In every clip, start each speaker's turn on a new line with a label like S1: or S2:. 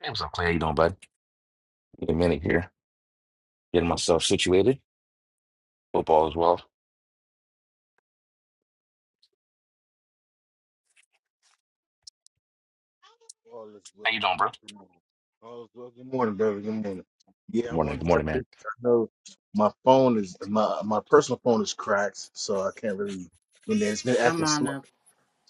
S1: Hey, what's up, Clay? How you doing, bud? Need a minute here. Getting myself situated. Football as well.
S2: All is well.
S1: How you doing,
S2: bro.
S1: bro? Good
S2: Good morning. All is well. Good morning, brother. Good morning. Yeah, I
S1: morning.
S2: wanted
S1: Good
S2: to tell
S1: morning, man.
S2: you. I know my phone is my my personal phone is cracked, so I can't really. And then it's been
S3: I'm
S2: acting slow,
S3: honored.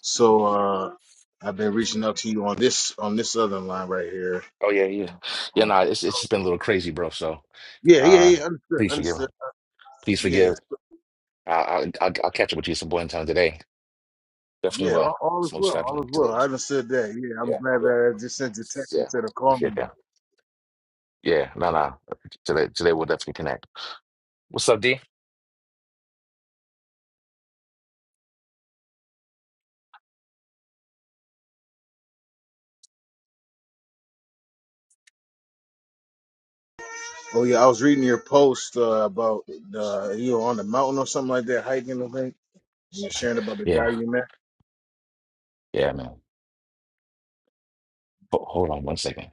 S2: so uh, I've been reaching out to you on this on this other line right here.
S1: Oh yeah, yeah. Yeah,
S2: Um,
S1: nah, it's it's just been a little crazy, bro. So
S2: yeah, yeah,
S1: uh
S2: yeah. Understood.
S1: please forgive.
S2: Understood.
S1: Please
S2: Yes.
S1: forgive. I I I'll, I'll catch up with you some point in time today. Definitely
S2: Yeah.
S1: will.
S2: All, all is
S1: Most
S2: well. All
S1: definitely.
S2: is well. I
S1: Today's
S2: understood that. Yeah, I'm
S1: yeah,
S2: glad
S1: yeah.
S2: that I just sent you a text
S1: Yeah.
S2: instead of calling
S1: Appreciate
S2: you.
S1: that. Yeah, no, no. Today today we'll definitely connect. What's up, D?
S2: Oh yeah, I was reading your post uh, about uh, you were on the mountain or something like that, hiking or something. You sharing about the
S1: Yeah,
S2: guy you met?
S1: yeah, man. Ho- hold on one second.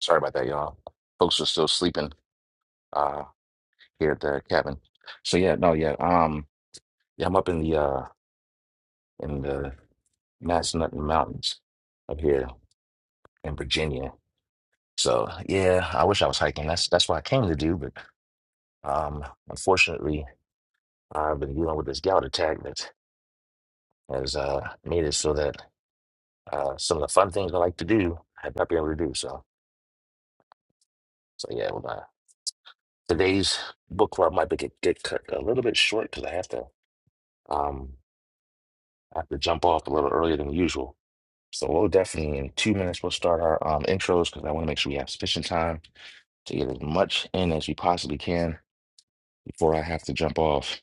S1: Sorry about that, y'all. Folks are still sleeping. Uh, here there, Kevin. So yeah, no, yeah. Um yeah, I'm up in the uh in the Massanutten Mountains up here in Virginia. So yeah, I wish I was hiking. That's that's what I came to do, but um unfortunately I've been dealing with this gout attack that has uh made it so that uh some of the fun things I like to do I have not been able to do. So so yeah, well, uh, today's book club might be get, get cut a little bit short because I have to um I have to jump off a little earlier than usual. So we'll definitely in two minutes we'll start our um, intros because I want to make sure we have sufficient time to get as much in as we possibly can before I have to jump off.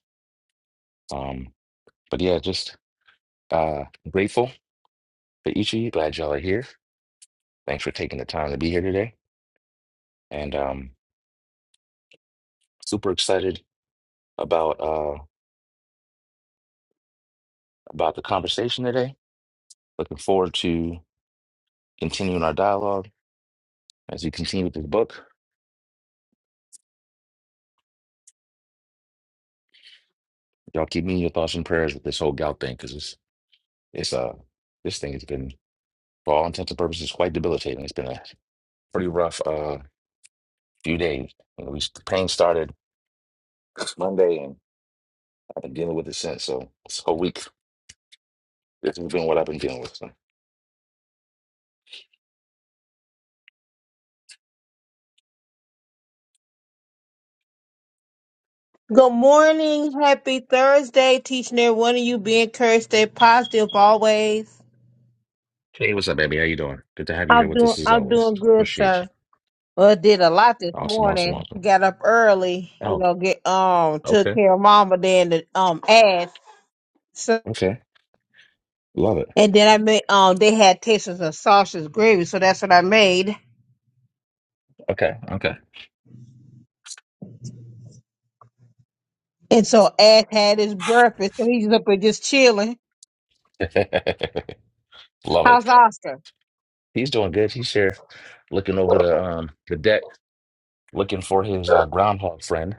S1: Um, but yeah, just uh, grateful for each of you. Glad y'all are here. Thanks for taking the time to be here today, and um, super excited about uh, about the conversation today. Looking forward to continuing our dialogue as we continue with this book. Y'all keep me in your thoughts and prayers with this whole gout thing because it's it's uh this thing has been for all intents and purposes, quite debilitating. It's been a pretty rough uh, few days. You know, we, the pain started Monday, and I've been dealing with it since. So this whole week, this has been what I've been dealing with. So.
S4: Good morning. Happy Thursday. Teaching every one of you be encouraged, stay positive always.
S1: Hey, what's up, baby? How you doing? Good to have you here
S4: I'm
S1: with
S4: doing
S1: us as
S4: I'm
S1: always.
S4: doing good,
S1: Appreciate you.
S4: sir. Well, did a lot this
S1: Awesome, awesome,
S4: morning.
S1: awesome.
S4: Got up early, you
S1: Oh,
S4: know, get um took
S1: okay,
S4: care of mama then the um ass. So
S1: okay, love it.
S4: and then I made um they had Texas and sausage gravy, so that's what I made.
S1: Okay, okay,
S4: And so Ash had his breakfast, so he's up there just chilling.
S1: love
S4: How's
S1: it.
S4: Oscar?
S1: He's doing good. He's here, looking over the um the deck, looking for his uh, groundhog friend.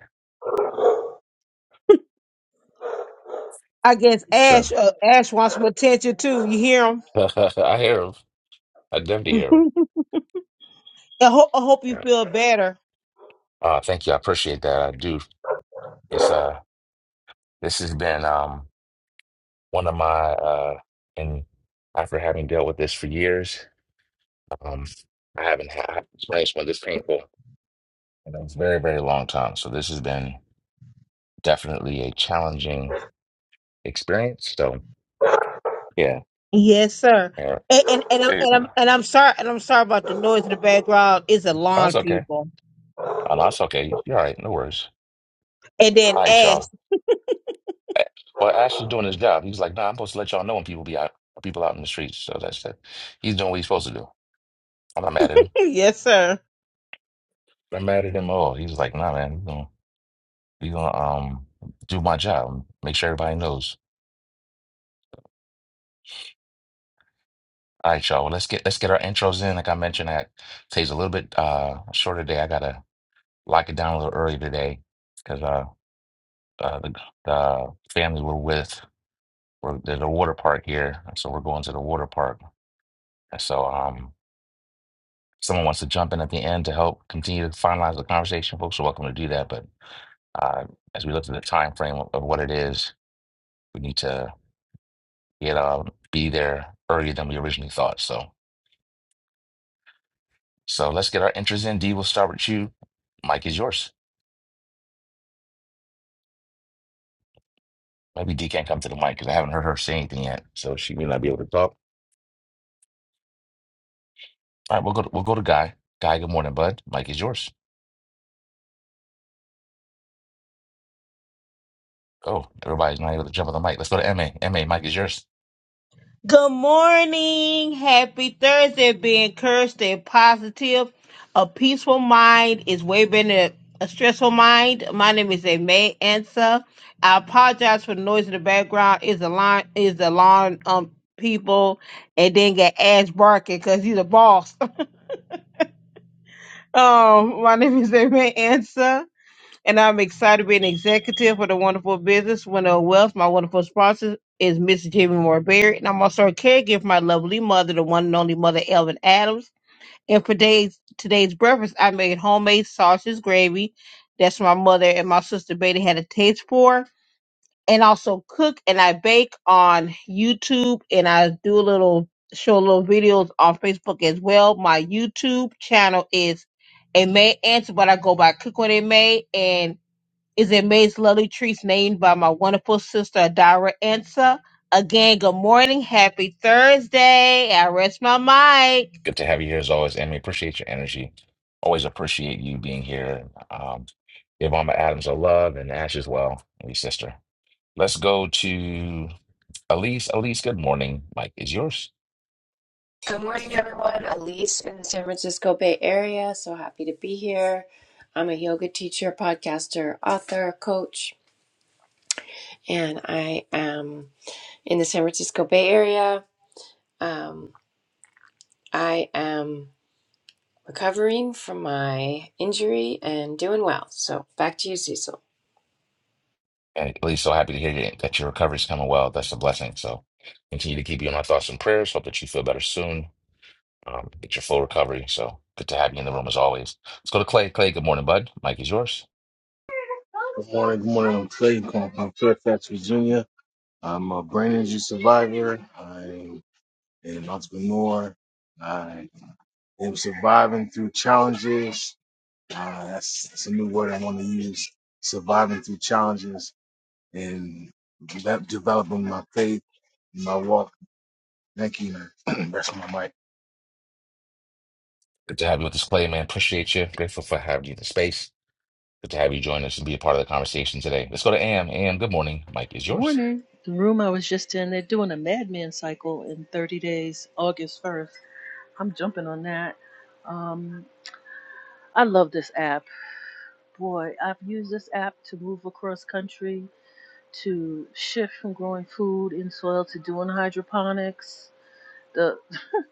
S4: I guess
S1: So
S4: Ash uh, Ash wants some attention too. You hear
S1: I hear him. I definitely
S4: him?
S1: hear
S4: I hope I hope you
S1: him.
S4: feel better.
S1: Uh, thank you. I appreciate that. I do. It's uh, this has been um one of my uh, and after having dealt with this for years, um, I haven't had experienced one this painful in a very, very long time. So this has been definitely a challenging experience. So yeah,
S4: Yes, sir.
S1: yeah.
S4: And and, and, I'm,
S1: It,
S4: and
S1: oh,
S4: I'm and I'm sorry and I'm sorry about the noise in the background. It's a lawn,
S1: that's okay.
S4: people.
S1: Oh, no, that's okay. You're all right. No worries.
S4: And then
S1: All right,
S4: Ash.
S1: y'all. A- Well, Ash is doing his job. He's like, nah, I'm supposed to let y'all know when people be out, people out in the streets. So that's that. He's doing what he's supposed to do. I'm not mad at him.
S4: yes, sir.
S1: i mad at him at all. He was like, nah, man, we're gonna we going to we going to um do my job. Make sure everybody knows. All right, y'all. Well, let's get let's get our intros in. Like I mentioned, that today's a little bit uh shorter day. I gotta lock it down a little early today because uh, uh the the family we're with we're there's a water park here, and so we're going to the water park. And so um someone wants to jump in at the end to help continue to finalize the conversation, folks are welcome to do that. But uh as we look at the time frame of of what it is, we need to you know, be there earlier than we originally thought. So, so let's get our entries in. D, we'll start with you. Mike is yours. Maybe D can't come to the mic because I haven't heard her say anything yet, so she may not be able to talk. All right, we'll go. To, we'll go to Guy. Guy, good morning, bud. Mike is yours. Oh, Everybody's not able to jump on the mic. Let's go to Ma. Ma, Mike is yours.
S4: Good morning. Happy Thursday. Be encouraged and positive. A peaceful mind is way better than a stressful mind. My name is May Ansa. I apologize for the noise in the background. Is the lawn is the lawn um people and then get Ash barking because he's a boss. Um, my name is Amy Ansa, and I'm excited to be an executive for the wonderful business Window Wealth. My wonderful sponsor is Mrs. Jimmy Moore Berry, and I'm also a caregiver for my lovely mother, the one and only mother, Elvin Adams. And for today's, today's breakfast, I made homemade sausage gravy. That's what my mother and my sister Betty had a taste for and also cook and I bake on YouTube and I do a little show little videos on Facebook as well. My YouTube channel is a May Answer, but I go by Cook What It May and is a May's Lovely Treats named by my wonderful sister Adara Answer. Again, good morning, happy Thursday. I rest my mic.
S1: Good to have you here as always, Ma. Appreciate your energy. Always appreciate you being here. Um, give Mama Adams a love and Ash as well, and your sister. Let's go to Elise. Elise, good morning. Mike is yours.
S5: Good morning, everyone. Elise in the San Francisco Bay Area. So happy to be here. I'm a yoga teacher, podcaster, author, coach, and I am in the San Francisco Bay Area. Um, I am recovering from my injury and doing well. So back to you, Cecil.
S1: And at least so happy to hear you- that your recovery is coming well. That's a blessing. So continue to keep you in my thoughts and prayers. Hope that you feel better soon. Um, get your full recovery. So good to have you in the room as always. Let's go to Clay. Clay, good morning, bud. Mike is yours.
S2: Good morning, good morning. I'm Clay. I'm calling from Fairfax, Virginia. I'm a brain injury survivor. I'm an entrepreneur. I am surviving through challenges. Uh, that's, that's a new word I want to use. Surviving through challenges and de- developing my faith, my walk. Thank you. man. That's my mic.
S1: Good to have you with us, Clay, man. Appreciate you. Grateful for having you in the space. Good to have you join us and be a part of the conversation today. Let's go to Am. Am, good morning. Mike is yours.
S6: Morning. The room I was just in, they're doing a madman cycle in 30 days, August 1st. I'm jumping on that. Um, I love this app. Boy, I've used this app to move across country, to shift from growing food in soil to doing hydroponics the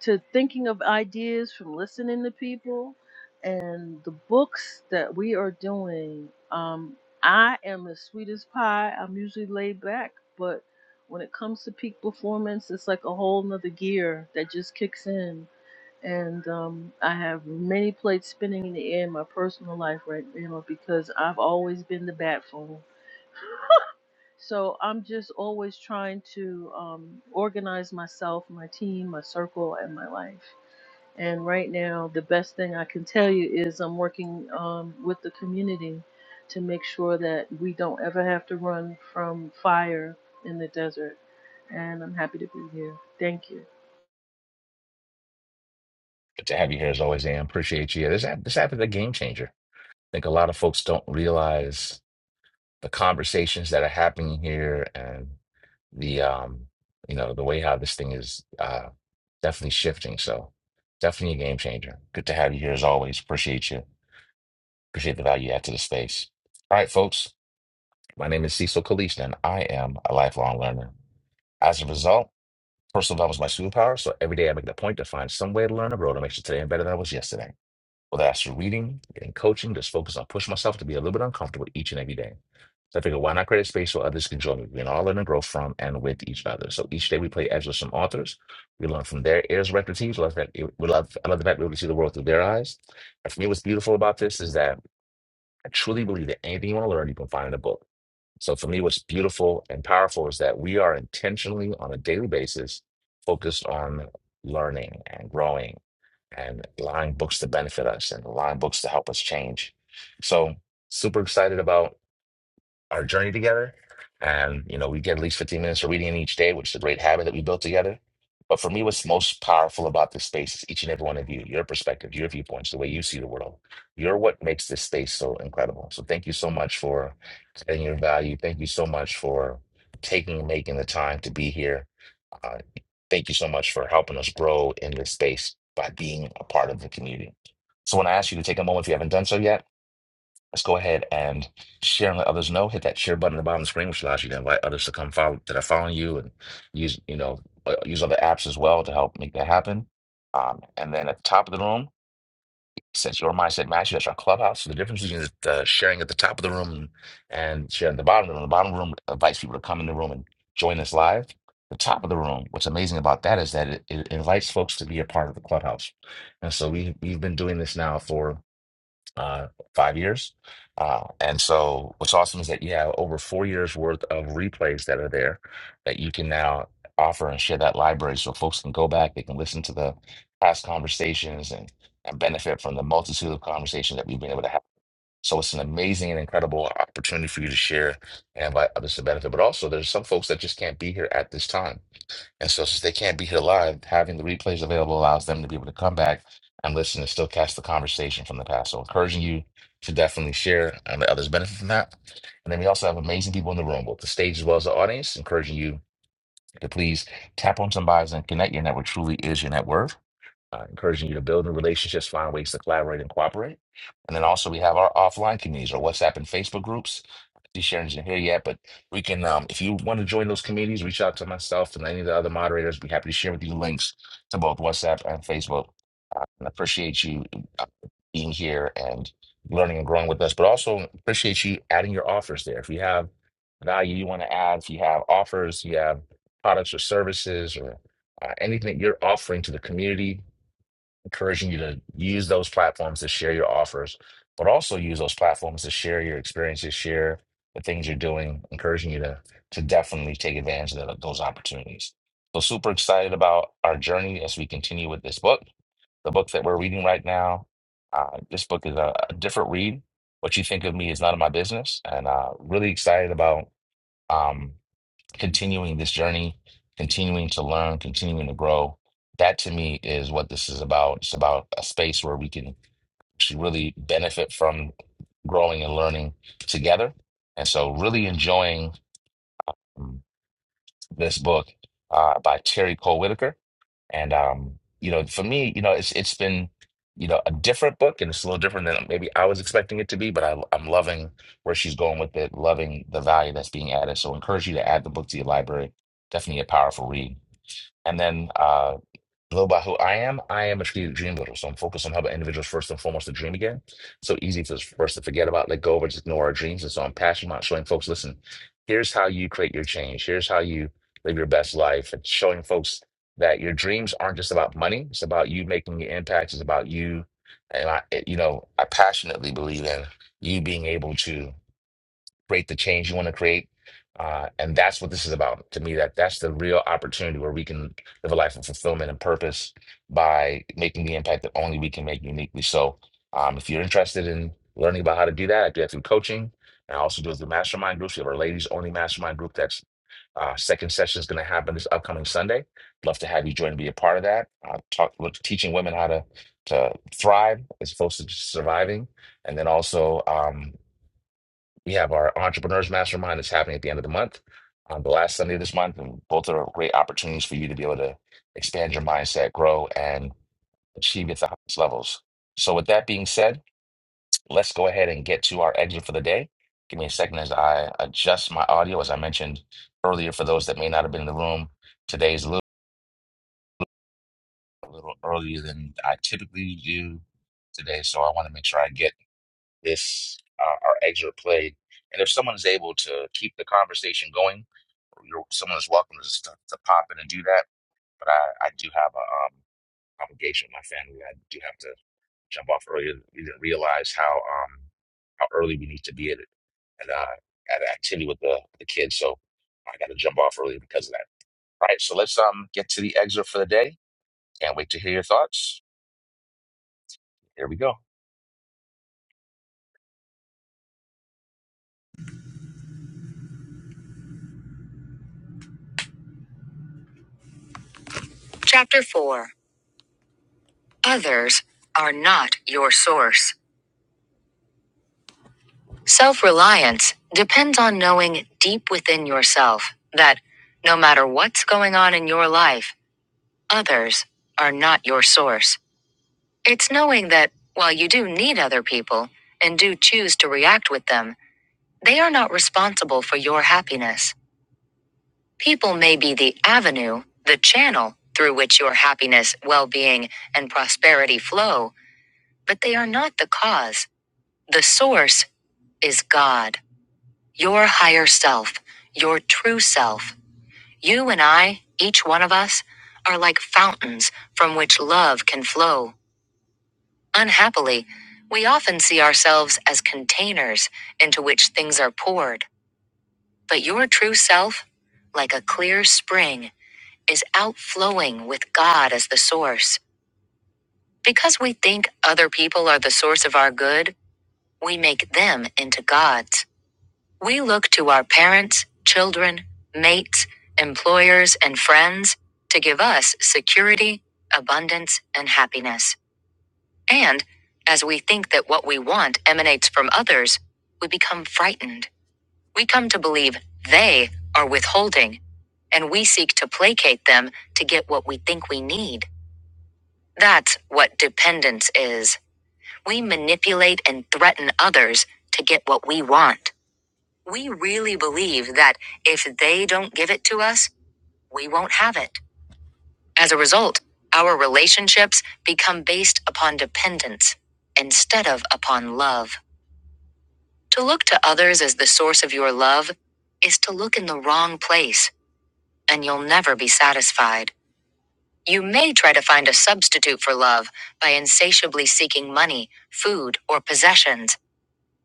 S6: to thinking of ideas from listening to people and the books that we are doing. Um, I am as sweet as pie. I'm usually laid back, but when it comes to peak performance, it's like a whole nother gear that just kicks in. And um, I have many plates spinning in the air in my personal life right now because I've always been the bat phone so I'm just always trying to um, organize myself, my team, my circle, and my life. And right now, the best thing I can tell you is I'm working um, with the community to make sure that we don't ever have to run from fire in the desert. And I'm happy to be here. Thank you.
S1: Good to have you here as always, Am. Appreciate you. Yeah, this app, this app is a game changer. I think a lot of folks don't realize the conversations that are happening here and the um you know the way how this thing is uh definitely shifting so definitely a game changer good to have you here as always appreciate you appreciate the value you add to the space all right folks my name is cecil Kalista and i am a lifelong learner as a result personal development is my superpower so every day i make it a point to find some way to learn a road to make sure today i'm better than i was yesterday whether that's through reading, getting coaching, just focus on pushing myself to be a little bit uncomfortable each and every day. So I figured, why not create a space where others can join me? We can all learn and grow from and with each other. So each day we play as with some authors. We learn from their ears, records, teams. We Love that. We love. I love the fact we're able to see the world through their eyes. And for me, what's beautiful about this is that I truly believe that anything you want to learn, you can find in a book. So for me, what's beautiful and powerful is that we are intentionally on a daily basis focused on learning and growing and allowing books to benefit us and allowing books to help us change. So super excited about our journey together. And, you know, we get at least 15 minutes of reading in each day, which is a great habit that we built together. But for me, what's most powerful about this space is each and every one of you, your perspective, your viewpoints, the way you see the world. You're what makes this space so incredible. So thank you so much for adding your value. Thank you so much for taking and making the time to be here. Uh, thank you so much for helping us grow in this space by being a part of the community. So when I ask you to take a moment if you haven't done so yet, Let's go ahead and share and let others know. Hit that share button at the bottom of the screen, which allows you to invite others to come follow that are following you and use, you know, uh, use other apps as well to help make that happen. Um, and then at the top of the room, since your mindset matches, that's our clubhouse. So the difference between the sharing at the top of the room and sharing at the bottom of the room, the bottom of the room invites people to come in the room and join us live. The top of the room, what's amazing about that is that it, it invites folks to be a part of the clubhouse. And so we, we've been doing this now for uh, five years. Uh, and so what's awesome is that you have over four years worth of replays that are there that you can now offer and share that library so folks can go back, they can listen to the past conversations and, and benefit from the multitude of conversations that we've been able to have. So it's an amazing and incredible opportunity for you to share and invite others to benefit. But also there's some folks that just can't be here at this time. And so, since they can't be here live, having the replays available allows them to be able to come back and listen and still catch the conversation from the past. So, encouraging you to definitely share and let others benefit from that. And then we also have amazing people in the room, both the stage as well as the audience, encouraging you to please tap on some bios and connect. Your network truly is your network uh, encouraging you to build new relationships, find ways to collaborate and cooperate. And then also we have our offline communities or WhatsApp and Facebook groups. These Sharon's in here yet, but we can um, if you want to join those communities, reach out to myself and any of the other moderators. Be happy to share with you links to both WhatsApp and Facebook. Uh, and appreciate you uh, being here and learning and growing with us, but also appreciate you adding your offers there. If you have value you want to add, if you have offers, you have products or services or uh, anything that you're offering to the community, encouraging you to use those platforms to share your offers, but also use those platforms to share your experiences, share the things you're doing, encouraging you to to definitely take advantage of tho- those opportunities. So super excited about our journey as we continue with this book, the book that we're reading right now. Uh, this book is a, a different read. What you think of me is none of my business, and uh, really excited about. um, continuing this journey, continuing to learn, continuing to grow. That to me is what this is about. It's about a space where we can actually really benefit from growing and learning together. And so, really enjoying um, this book uh, by Terry Cole Whitaker. And um, you know, for me, you know, it's it's been, you know, a different book and it's a little different than maybe I was expecting it to be, but I I'm loving where she's going with it, loving the value that's being added. So encourage you to add the book to your library. Definitely a powerful read. And then uh a little about who I am, I am a strategic dream builder, so I'm focused on helping individuals first and foremost to dream again. So easy for us for us to forget about, let go of, or just ignore our dreams. And so I'm passionate about showing folks, listen, here's how you create your change. Here's how you live your best life. And showing folks that your dreams aren't just about money. It's about you making your impact. It's about you. And I, you know, I passionately believe in you being able to create the change you want to create. Uh, and that's what this is about to me. That that's the real opportunity where we can live a life of fulfillment and purpose by making the impact that only we can make uniquely. So, um, if you're interested in learning about how to do that, I do that through coaching. And I also do it through mastermind groups. We have our ladies only mastermind group. That's uh, second session is going to happen this upcoming Sunday. Love to have you join and be a part of that. Uh, talk, we teaching women how to to thrive as opposed to just surviving, and then also. Um, we have our Entrepreneurs Mastermind that's happening at the end of the month, on the last Sunday of this month, and both are great opportunities for you to be able to expand your mindset, grow, and achieve at the highest levels. So, with that being said, let's go ahead and get to our exit for the day. Give me a second as I adjust my audio. As I mentioned earlier, for those that may not have been in the room, today's a little, a little earlier than I typically do today, so I want to make sure I get. If uh, our excerpt played. And if someone is able to keep the conversation going, you're, someone is welcome to, just to to pop in and do that. But I, I do have a um, obligation with my family. I do have to jump off early. We didn't realize how um, how early we need to be at it, and uh, at an activity with the the kids. So I got to jump off early because of that. All right, so let's um get to the excerpt for the day. Can't wait to hear your thoughts. Here we go. Chapter 4 Others are not your source. Self reliance depends on knowing deep within yourself that no matter what's going on in your life, others are not your source. It's knowing that while you do need other people and do choose to react with them, they are not responsible for your happiness. People may be the avenue, the channel through which your happiness, well being, and prosperity flow, but they are not the cause. The source is God. Your higher self, your true self, you and I, each one of us, are like fountains from which love can flow. Unhappily, we often see ourselves as containers into which things are poured. But your true self, like a clear spring, is outflowing with God as the source. Because we think other people are the source of our good, we make them into gods. We look to our parents, children, mates, employers, and friends to give us security, abundance, and happiness. And as we think that what we want emanates from others, we become frightened. We come to believe they are withholding, and we seek to placate them to get what we think we need. That's what dependence is. We manipulate and threaten others to get what we want. We really believe that if they don't give it to us, we won't have it. As a result, our relationships become based upon dependence instead of upon love. To look to others as the source of your love is to look in the wrong place, and you'll never be satisfied. You may try to find a substitute for love by insatiably seeking money, food, or possessions,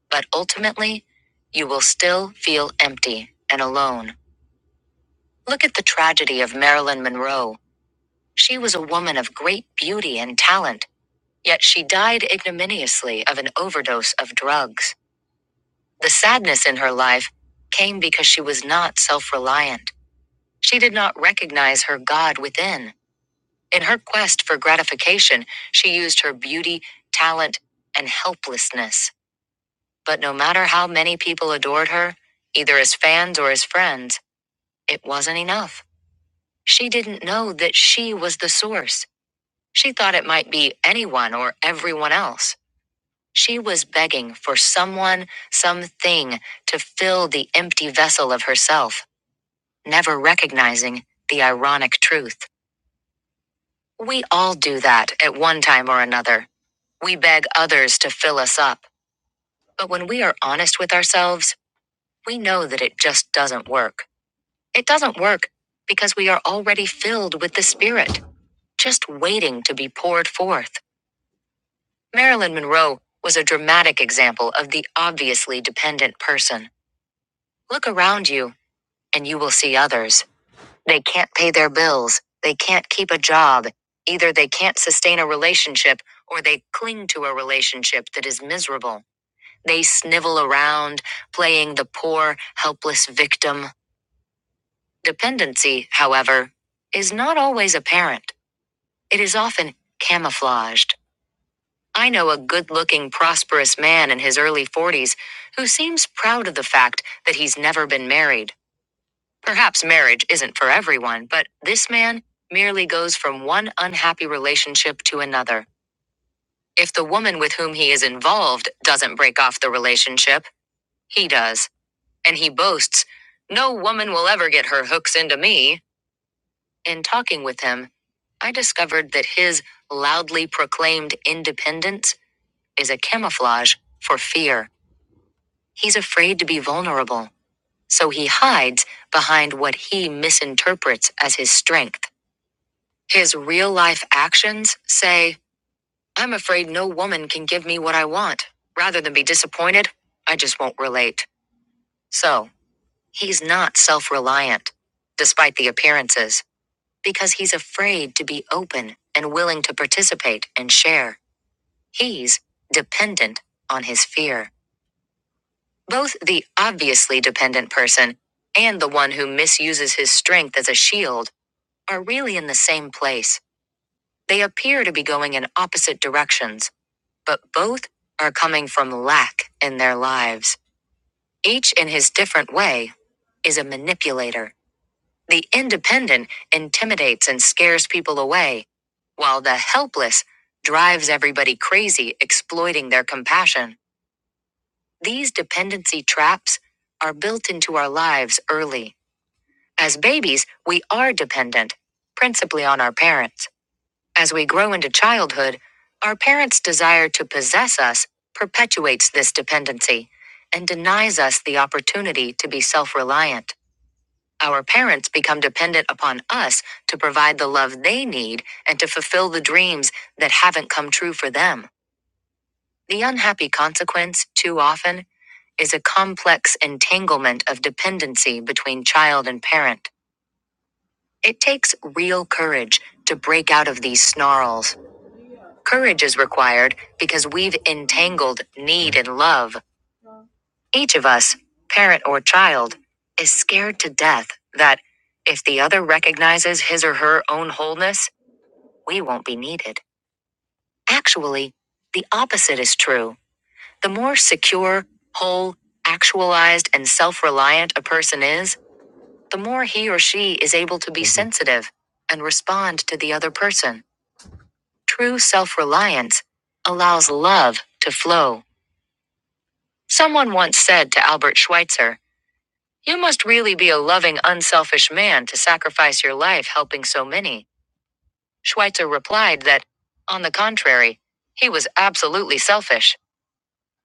S1: but ultimately, you will still feel empty and alone. Look at the tragedy of Marilyn Monroe. She was a woman of great beauty and talent, yet she died ignominiously of an overdose of drugs. The sadness in her life came because she was not self reliant. She did not recognize her God within. In her quest for gratification, she used her beauty, talent, and helplessness. But no matter how many people adored her, either as fans or as friends, it wasn't enough. She didn't know that she was the source. She thought it might be anyone or everyone else. She was begging for someone, something to fill the empty vessel of herself, never recognizing the ironic truth. We all do that at one time or another. We beg others to fill us up. But when we are honest with ourselves, we know that it just doesn't work. It doesn't work because we are already filled with the Spirit, just waiting to be poured forth. Marilyn Monroe was a dramatic example of the obviously dependent person. Look around you, and you will see others. They can't pay their bills, they can't keep a job, either they can't sustain a relationship or they cling to a relationship that is miserable. They snivel around, playing the poor, helpless victim. Dependency, however, is not always apparent. It is often camouflaged. I know a good looking, prosperous man in his early 40s who seems proud of the fact that he's never been married. Perhaps marriage isn't for everyone, but this man merely goes from one unhappy relationship to another. If the woman with whom he is involved doesn't break off the relationship, he does. And he boasts, No woman will ever get her hooks into me. In talking with him, I discovered that his loudly proclaimed independence is a camouflage for fear. He's afraid to be vulnerable, so he hides behind what he misinterprets as his strength. His real life actions say, I'm afraid no woman can give me what I want. Rather than be disappointed, I just won't relate. So, he's not self reliant, despite the appearances, because he's afraid to be open and willing to participate and share. He's dependent on his fear. Both the obviously dependent person and the one who misuses his strength as a shield are really in the same place. They appear to be going in opposite directions, but both are coming from lack in their lives. Each in his different way is a manipulator. The independent intimidates and scares people away, while the helpless drives everybody crazy, exploiting their compassion. These dependency traps are built into our lives early. As babies, we are dependent, principally on our parents. As we grow into childhood, our parents' desire to possess us perpetuates this dependency and denies us the opportunity to be self reliant. Our parents become dependent upon us to provide the love they need and to fulfill the dreams that haven't come true for them. The unhappy consequence, too often, is a complex entanglement of dependency between child and parent. It takes real courage to break out of these snarls. Courage is required because we've entangled need and love. Each of us, parent or child, is scared to death that if the other recognizes his or her own wholeness, we won't be needed. Actually, the opposite is true. The more secure, whole, actualized, and self reliant a person is, the more he or she is able to be Mhm. sensitive and respond to the other person. True self reliance allows love to flow. Someone once said to Albert Schweitzer, You must really be a loving, unselfish man to sacrifice your life helping so many. Schweitzer replied that, on the contrary, he was absolutely selfish.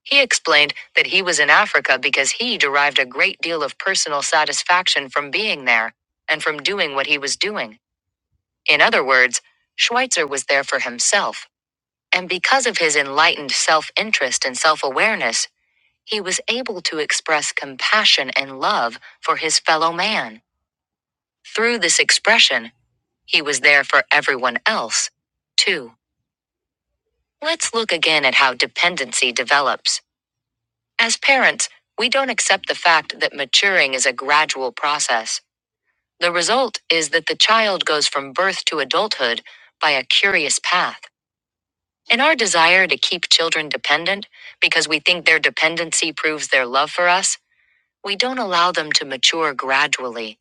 S1: He explained that he was in Africa because he derived a great deal of personal satisfaction from being there and from doing what he was doing. In other words, Schweitzer was there for himself. and because of his enlightened self interest and self awareness, he was able to express compassion and love for his fellow man. Through this expression, he was there for everyone else, too. Let's look again at how dependency develops. As parents, we don't accept the fact that maturing is a gradual process. The result is that the child goes from birth to adulthood by a curious path. In our desire to keep children dependent, because we think their dependency proves their love for us, we don't allow them to mature gradually.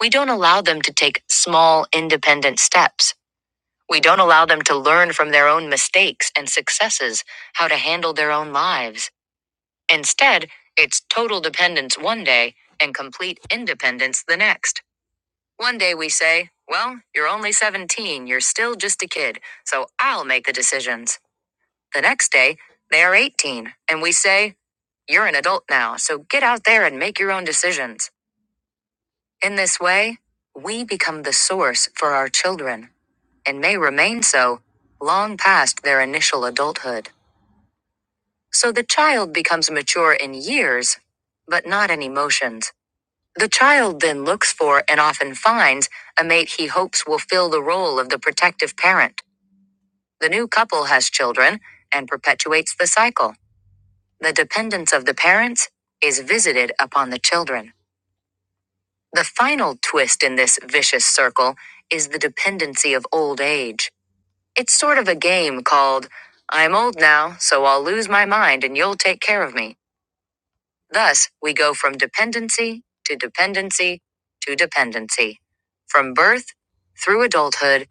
S1: We don't allow them to take small, independent steps. We don't allow them to learn from their own mistakes and successes how to handle their own lives. Instead, it's total dependence one day and complete independence the next. One day we say, Well, you're only 17, you're still just a kid, so I'll make the decisions. The next day, they are 18, and we say, You're an adult now, so get out there and make your own decisions. In this way, we become the source for our children and may remain so long past their initial adulthood. So the child becomes mature in years, but not in emotions. The child then looks for and often finds a mate he hopes will fill the role of the protective parent. The new couple has children and perpetuates the cycle. The dependence of the parents is visited upon the children. The final twist in this vicious circle is the dependency of old age. It's sort of a game called, I'm old now, so I'll lose my mind and you'll take care of me. Thus, we go from dependency to dependency to dependency, from birth through adulthood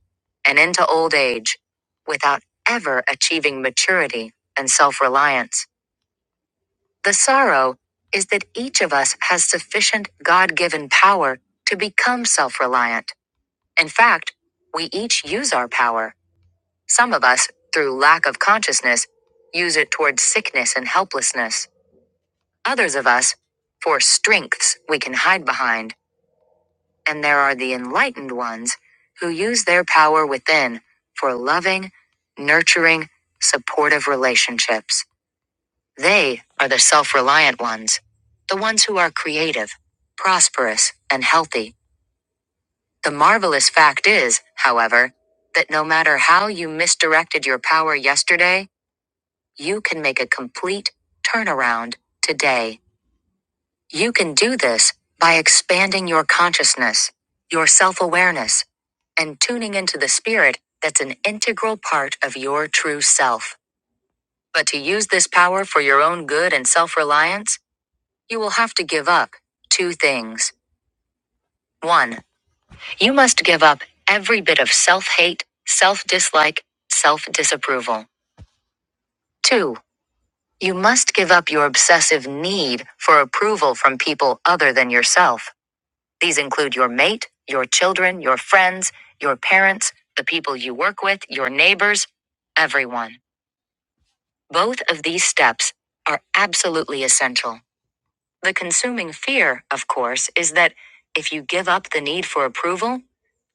S1: and into old age, without ever achieving maturity and self reliance. The sorrow is that each of us has sufficient God given power to become self reliant. In fact, we each use our power. Some of us, through lack of consciousness, use it towards sickness and helplessness. Others of us, for strengths we can hide behind. And there are the enlightened ones who use their power within for loving, nurturing, supportive relationships. They are the self reliant ones, the ones who are creative, prosperous, and healthy. The marvelous fact is, however, that no matter how you misdirected your power yesterday, you can make a complete turnaround today. You can do this by expanding your consciousness, your self awareness, and tuning into the spirit that's an integral part of your true self. But to use this power for your own good and self reliance, You will have to give up two things. One, you must give up every bit of self hate, self dislike, self disapproval. Two, you must give up your obsessive need for approval from people other than yourself. These include your mate, your children, your friends, your parents, the people you work with, your neighbors, everyone. Both of these steps are absolutely essential. The consuming fear, of course, is that if you give up the need for approval,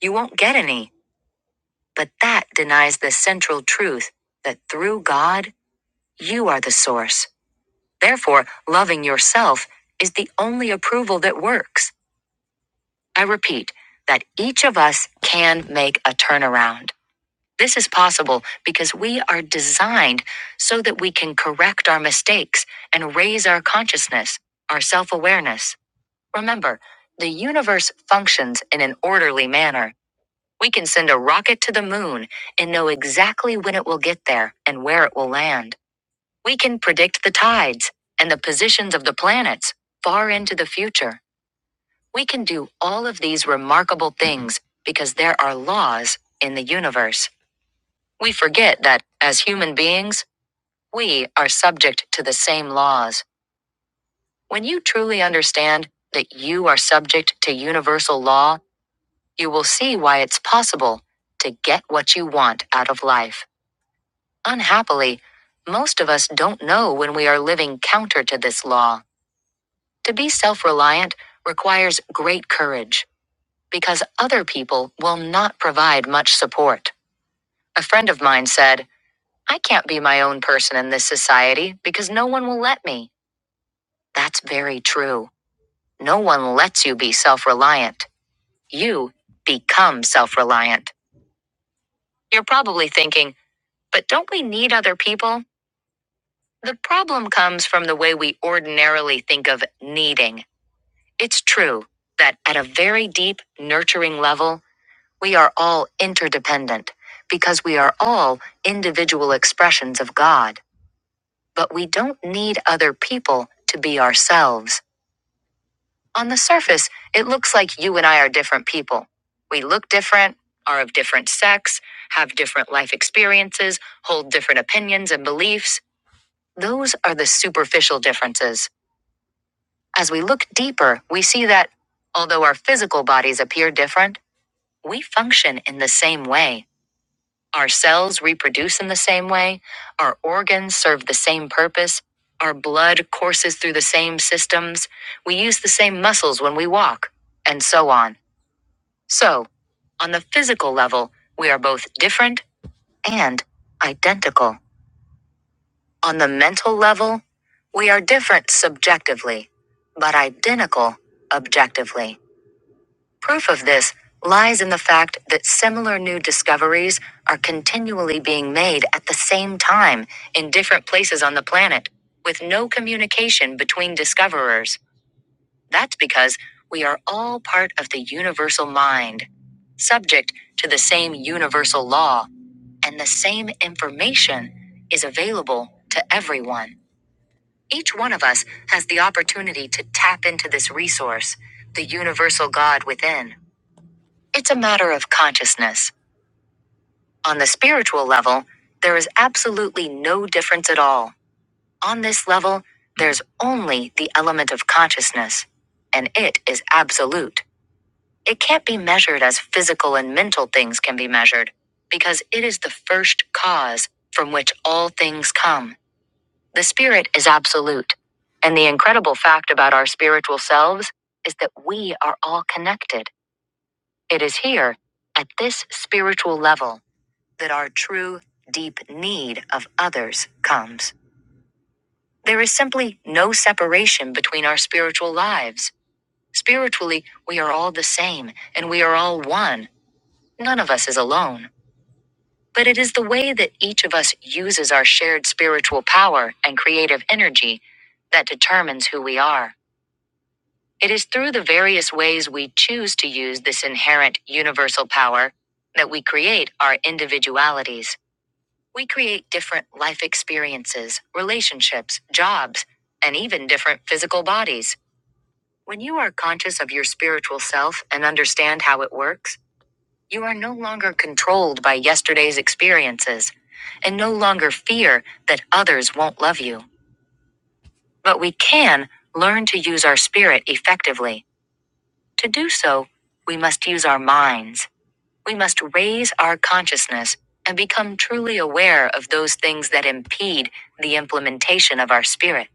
S1: you won't get any. But that denies the central truth that through God, you are the source. Therefore, loving yourself is the only approval that works. I repeat that each of us can make a turnaround. This is possible because we are designed so that we can correct our mistakes and raise our consciousness, our self awareness. Remember, the universe functions in an orderly manner. We can send a rocket to the moon and know exactly when it will get there and where it will land. We can predict the tides and the positions of the planets far into the future. We can do all of these remarkable things because there are laws in the universe. We forget that, as human beings, we are subject to the same laws. When you truly understand that you are subject to universal law, you will see why it's possible to get what you want out of life. Unhappily, most of us don't know when we are living counter to this law. To be self reliant requires great courage because other people will not provide much support. A friend of mine said, I can't be my own person in this society because no one will let me. That's very true. No one lets you be self reliant. You become self reliant. You're probably thinking, But don't we need other people? The problem comes from the way we ordinarily think of needing. It's true that at a very deep, nurturing level, we are all interdependent because we are all individual expressions of God. But we don't need other people to be ourselves. On the surface, it looks like you and I are different people. We look different, are of different sex, have different life experiences, hold different opinions and beliefs Those are the superficial differences. As we look deeper, we see that, although our physical bodies appear different, we function in the same way. Our cells reproduce in the same way, our organs serve the same purpose, our blood courses through the same systems, we use the same muscles when we walk, and so on. So, on the physical level, we are both different and identical. On the mental level, we are different subjectively, but identical objectively. Proof of this lies in the fact that similar new discoveries are continually being made at the same time in different places on the planet, with no communication between discoverers. That's because we are all part of the universal mind, subject to the same universal law, and the same information is available to everyone. Each one of us has the opportunity to tap into this resource, the universal God within. It's a matter of consciousness. On the spiritual level, there is absolutely no difference at all. On this level, there's only the element of consciousness, and it is absolute. It can't be measured as physical and mental things can be measured, because it is the first cause from which all things come. The spirit is absolute. And the incredible fact about our spiritual selves is that we are all connected. It is here, at this spiritual level, that our true, deep need of others comes. There is simply no separation between our spiritual lives. Spiritually, we are all the same, and we are all one. None of us is alone. But it is the way that each of us uses our shared spiritual power and creative energy that determines who we are. It is through the various ways we choose to use this inherent universal power that we create our individualities. We create different life experiences, relationships, jobs, and even different physical bodies. When you are conscious of your spiritual self and understand how it works, you are no longer controlled by yesterday's experiences and no longer fear that others won't love you. But we can learn to use our spirit effectively. To do so, we must use our minds. We must raise our consciousness and become truly aware of those things that impede the implementation of our spirit.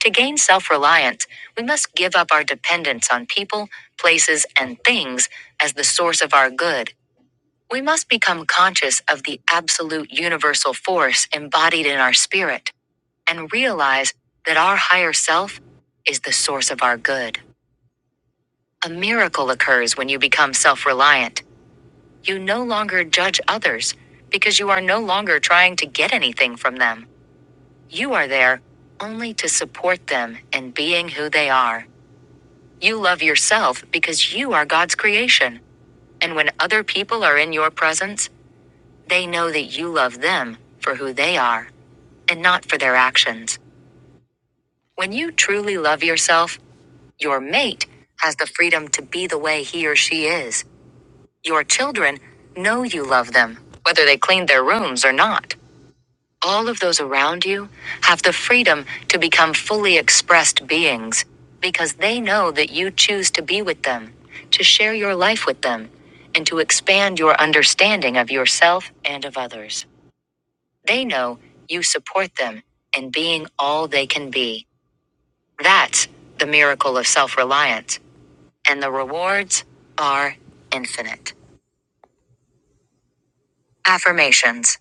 S1: To gain self reliance, we must give up our dependence on people, places, and things as the source of our good. We must become conscious of the absolute universal force embodied in our spirit and realize that our higher self is the source of our good. A miracle occurs when you become self reliant. You no longer judge others because you are no longer trying to get anything from them. You are there only to support them in being who they are. You love yourself because you are God's creation. And when other people are in your presence, they know that you love them for who they are and not for their actions. When you truly love yourself, your mate has the freedom to be the way he or she is Your children know you love them, whether they clean their rooms or not. All of those around you have the freedom to become fully expressed beings because they know that you choose to be with them, to share your life with them, and to expand your understanding of yourself and of others. They know you support them in being all they can be. That's the miracle of self reliance, and the rewards are infinite. Affirmations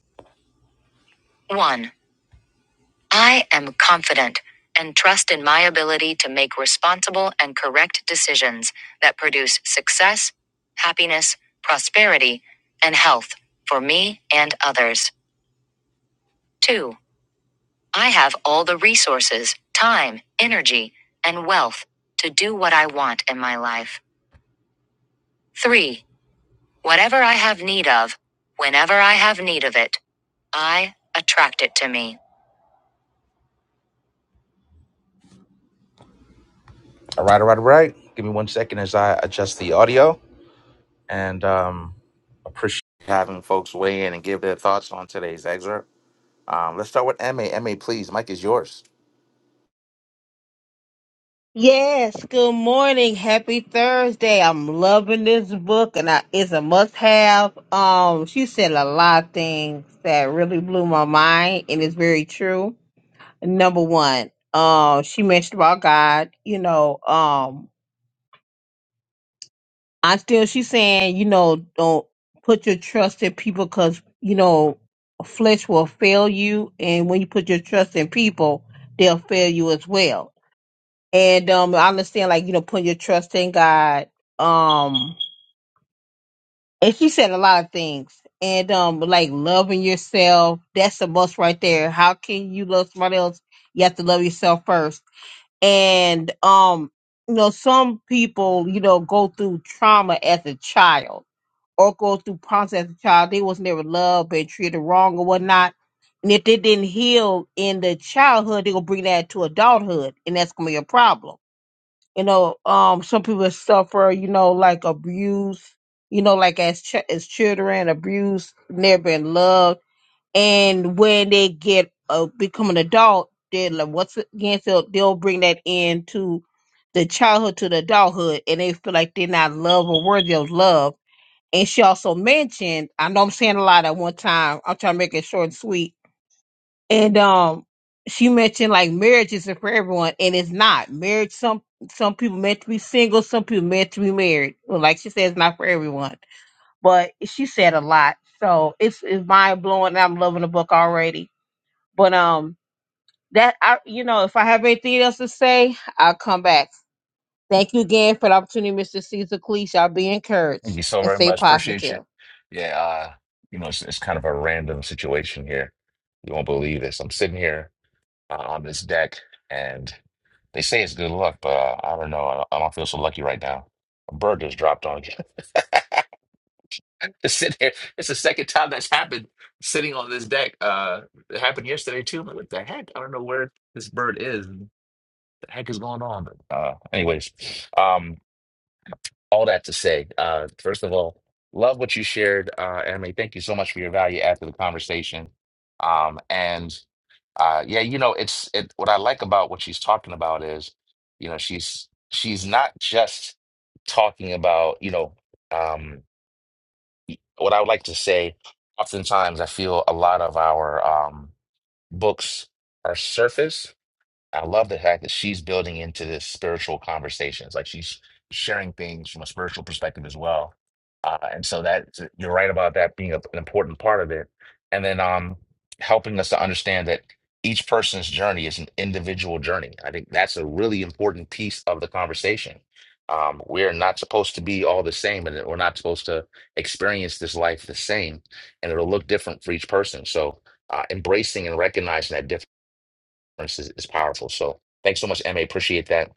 S1: 1. I am confident and trust in my ability to make responsible and correct decisions that produce success, happiness, prosperity, and health for me and others. Two, I have all the resources, time, energy, and wealth to do what I want in my life. Three, whatever I have need of, whenever I have need of it, I attract it to me. All right, all right, all right. Give me one second as I adjust the audio. and um, appreciate having folks weigh in and give their thoughts on today's excerpt. Um, let's start with MA. MA, please. Mike is yours.
S4: Yes, good morning. Happy Thursday. I'm loving this book and I, it's a must have. Um, she said a lot of things that really blew my mind and it's very true. Number one, um, she mentioned about God, you know, um, I still, she's saying, you know, don't put your trust in people because, you know, flesh will fail you. And when you put your trust in people, they'll fail you as well and um I understand like you know putting your trust in God. Um and she said a lot of things. And um like loving yourself, that's the most right there. How can you love somebody else? You have to love yourself first. And um you know some people, you know, go through trauma as a child or go through problems as a child. They was never loved and treated wrong or whatnot. And if they didn't heal in the childhood, they gonna bring that to adulthood and that's gonna be a problem you know um some people suffer you know like abuse you know like as ch- as children abuse never been loved and when they get uh, become an adult they're like once again they'll, they'll bring that into the childhood to the adulthood and they feel like they're not loved or worthy of love and she also mentioned i know i'm saying a lot at one time i'm trying to make it short and sweet and um, she mentioned like marriage isn't for everyone, and it's not. Marriage some some people meant to be single, some people meant to be married. Well, like she said, it's not for everyone. But she said a lot, so it's it's mind blowing. and I'm loving the book already. But um, that I you know if I have anything else to say, I'll come back. Thank you again for the opportunity, Mr. Caesar Cleese. Y'all be
S1: Thank
S4: encouraged
S1: you so
S4: and
S1: very
S4: stay
S1: much. Appreciate you.
S4: positive.
S1: Yeah, uh, you know, it's, it's kind of a random situation here. You won't believe this. I'm sitting here uh, on this deck, and they say it's good luck, but uh, I don't know. I, I don't feel so lucky right now. A bird just dropped on you. to sit there. It's the second time that's happened sitting on this deck. Uh, it happened yesterday too. I'm like, what the heck? I don't know where this bird is. and The heck is going on? But uh, anyways, um, all that to say, uh, first of all, love what you shared, uh, Emily. Thank you so much for your value after the conversation. Um, and uh, yeah, you know, it's it. What I like about what she's talking about is, you know, she's she's not just talking about, you know. um what I would like to say, oftentimes I feel a lot of our um, books are surface I love the fact that she's building into this spiritual conversations, like she's sharing things from a spiritual perspective as well. Uh, and so that you're right about that being a, an important part of it, and then um, helping us to understand that each person's journey is an individual journey. I think that's a really important piece of the conversation. Um, we're not supposed to be all the same, and we're not supposed to experience this life the same, and it'll look different for each person. So uh, embracing and recognizing that difference is, is powerful. So thanks so much, Emma. Appreciate that.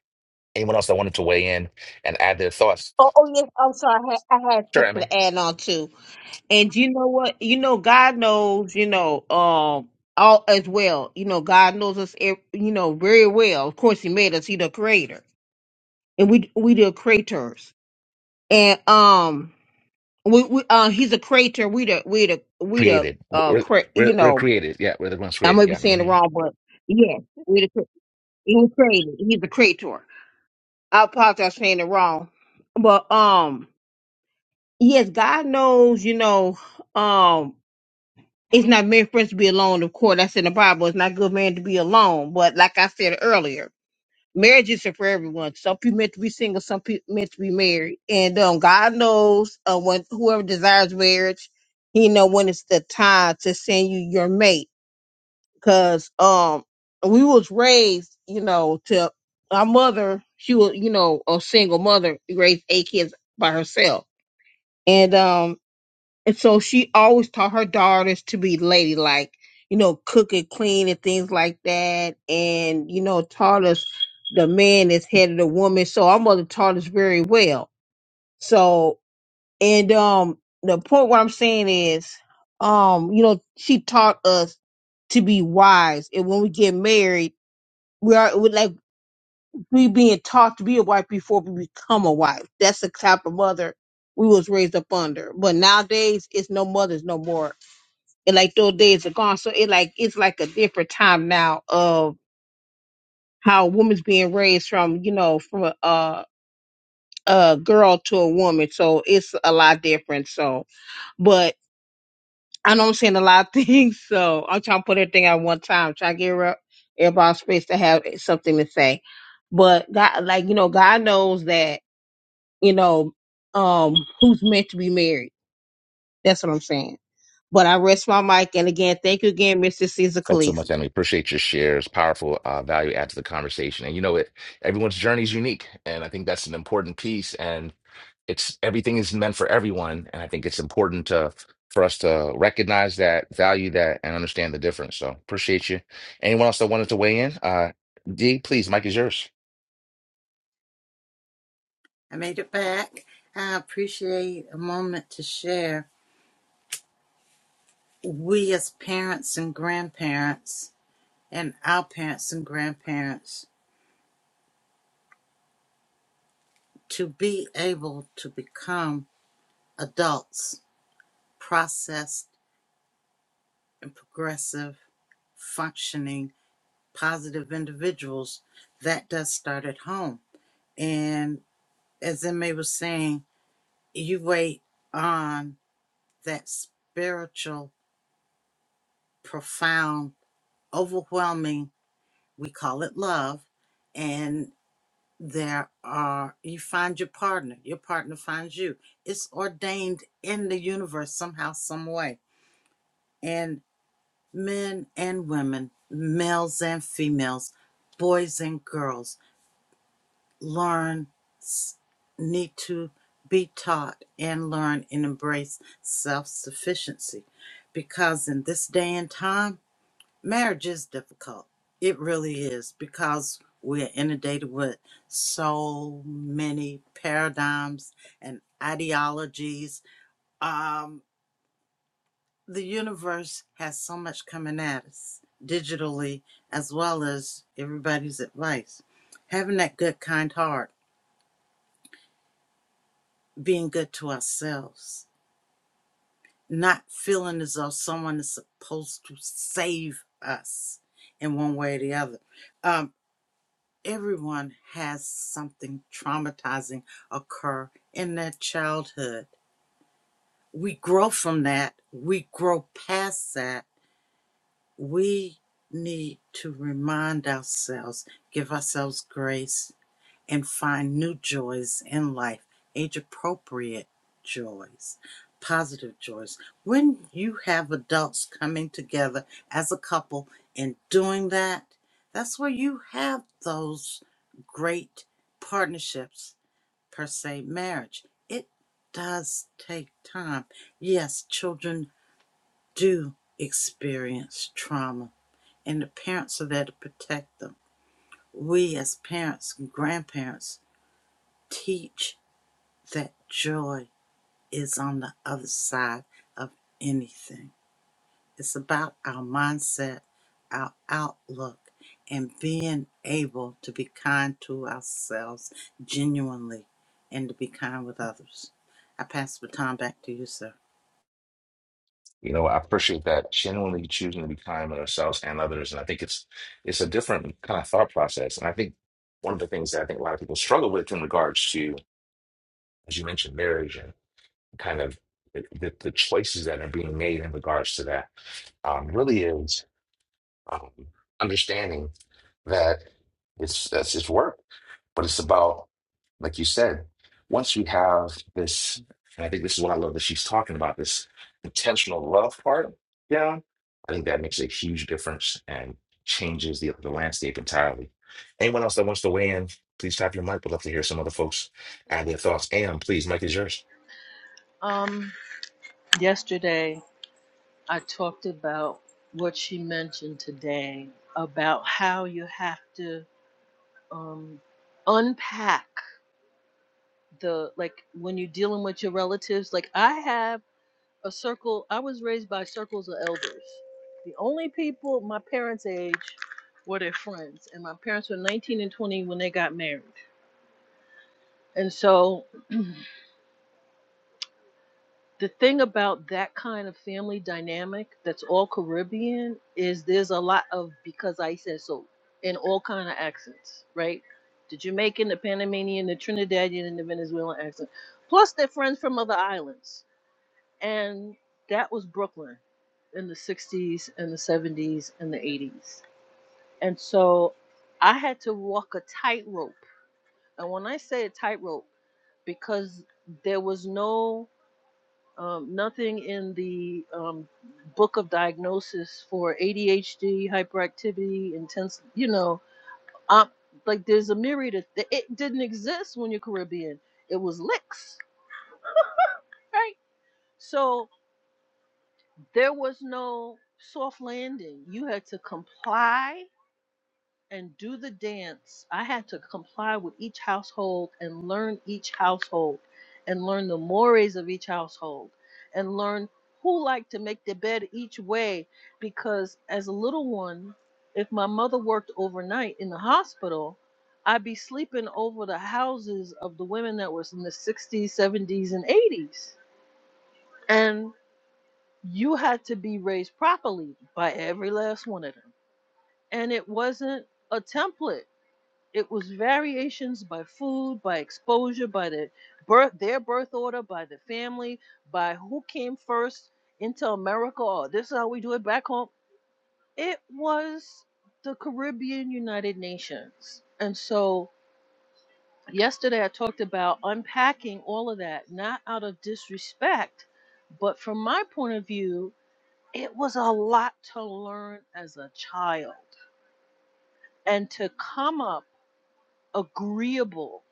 S1: Anyone else that wanted to weigh in and add their thoughts?
S4: Oh, oh yes, I'm sorry. I had, I had
S1: Sure,
S4: something
S1: Emma.
S4: to add on too. And you know what? You know, God knows, you know, um, all as well. You know, God knows us, ev- you know, very well. Of course, He made us. He the creator, and we we the creators. And um, we we uh, He's a creator. We the we the we the
S1: Created.
S4: uh,
S1: We're,
S4: cre-
S1: we're,
S4: you
S1: we're
S4: know,
S1: created. Yeah, we're the ones
S4: I may
S1: created.
S4: be
S1: Yeah.
S4: saying it
S1: hmm
S4: wrong, but yes, we the cre- he was created. He's the creator. I apologize for saying it wrong, but um, yes, God knows, you know, um. It's not married friends to be alone, of course. That's in the Bible. It's not good man to be alone. But like I said earlier, marriage isn't for everyone. Some people meant to be single, some people meant to be married. And um, God knows uh, when whoever desires marriage, He know when it's the time to send you your mate. Cause um, we was raised, you know, to our mother. She was, you know, a single mother raised eight kids by herself. And um, and so she always taught her daughters to be ladylike, you know, cook and clean and things like that. And, you know, taught us the man is head of the woman. So our mother taught us very well. So, and, um, the point what I'm saying is, um, you know, she taught us to be wise. And when we get married, we are we like we being taught to be a wife before we become a wife. That's the type of mother we was raised up under. But nowadays, it's no mothers no more and like those days are gone. So it like it's like a different time now of how women's being raised from you know from a a, a girl to a woman. So it's a lot different. So, but I know I'm saying a lot of things. So I'm trying to put everything at one time. Trying to give her- everybody space to have something to say. But God, like you know, God knows that you know um who's meant to be married. That's what I'm saying. But I rest my mic. And again, thank you again, Mr. Caesar
S1: Thanks so
S4: Calise.
S1: much, Emily. Appreciate your shares. Powerful uh, value add to the conversation. And you know it, everyone's journey is unique. And I think that's an important piece. And it's everything is meant for everyone. And I think it's important to for us to recognize that, value that, and understand the difference. So appreciate you. Anyone else that wanted to weigh in? Uh, D, please, Mike is yours.
S3: I made it back. I appreciate a moment to share. We, as parents and grandparents, and our parents and grandparents, to be able to become adults, processed and progressive, functioning, positive individuals, that does start at home. And as Emma was saying, you wait on that spiritual, profound, overwhelming we call it love and there are you find your partner your partner finds you it's ordained in the universe somehow some way and men and women males and females boys and girls learn s- need to be taught and learn and embrace self-sufficiency because in this day and time Marriage is difficult. It really is because we're inundated with so many paradigms and ideologies. Um, the universe has so much coming at us digitally, as well as everybody's advice. Having that good, kind heart, being good to ourselves, not feeling as though someone is supposed to save us in one way or the other. Um. everyone has something traumatizing occur in their childhood. We grow from that, we grow past that. We need to remind ourselves, give ourselves grace, and find new joys in life, age appropriate joys, positive joys. When you have adults coming together as a couple and doing that, that's where you have those great partnerships, per se, marriage. It does take time. Yes, children do experience trauma, and the parents are there to protect them. We, as parents and grandparents, teach that joy is on the other side of anything. It's about our mindset, our outlook, and being able to be kind to ourselves genuinely and to be kind with others. I pass the baton back to you, sir.
S1: You know, I appreciate that genuinely choosing to be kind to ourselves and others. And I think it's it's a different kind of thought process. And I think one of the things that I think a lot of people struggle with in regards to, as you mentioned, marriage and kind of the, the, the choices that are being made in regards to that um, really is um, understanding that it's that's his work, but it's about, like you said, once you have this, and I think this is what I love that she's talking about this intentional love part down. I think that makes a huge difference and changes the, the landscape entirely. Anyone else that wants to weigh in, please tap your mic. We'd love to hear some other folks add their thoughts. Am, please, mic is yours.
S6: Um, yesterday, I talked about what she mentioned today about how you have to um, unpack. the like when you're dealing with your relatives like i have a circle i was raised by circles of elders the only people my parents age were their friends and my parents were 19 and 20 when they got married and so the thing about that kind of family dynamic that's all caribbean is there's a lot of because i said so in all kind of accents right the jamaican the panamanian the trinidadian and the venezuelan accent plus they're friends from other islands And that was Brooklyn in the 60s and the 70s and the 80s. And so I had to walk a tightrope. And when I say a tightrope, because there was no um, nothing in the um, book of diagnosis for ADHD, hyperactivity, intense, you know, um, like there's a myriad of, it didn't exist when you're Caribbean. It was licks, right? So There was no soft landing. You had to comply and do the dance. I had to comply with each household and learn each household and learn the mores of each household and learn who liked to make the bed each way because as a little one, if my mother worked overnight in the hospital, I'd be sleeping over the houses of the women that was in the 60s, 70s, and 80s. And you had to be raised properly by every last one of them. And it wasn't a template. It was variations by food, by exposure, by the birth, their birth order, by the family, by who came first into America, or this is how we do it back home. It was the Caribbean United Nations. And so yesterday I talked about unpacking all of that, not out of disrespect, but from my point of view, it was a lot to learn as a child and to come up agreeable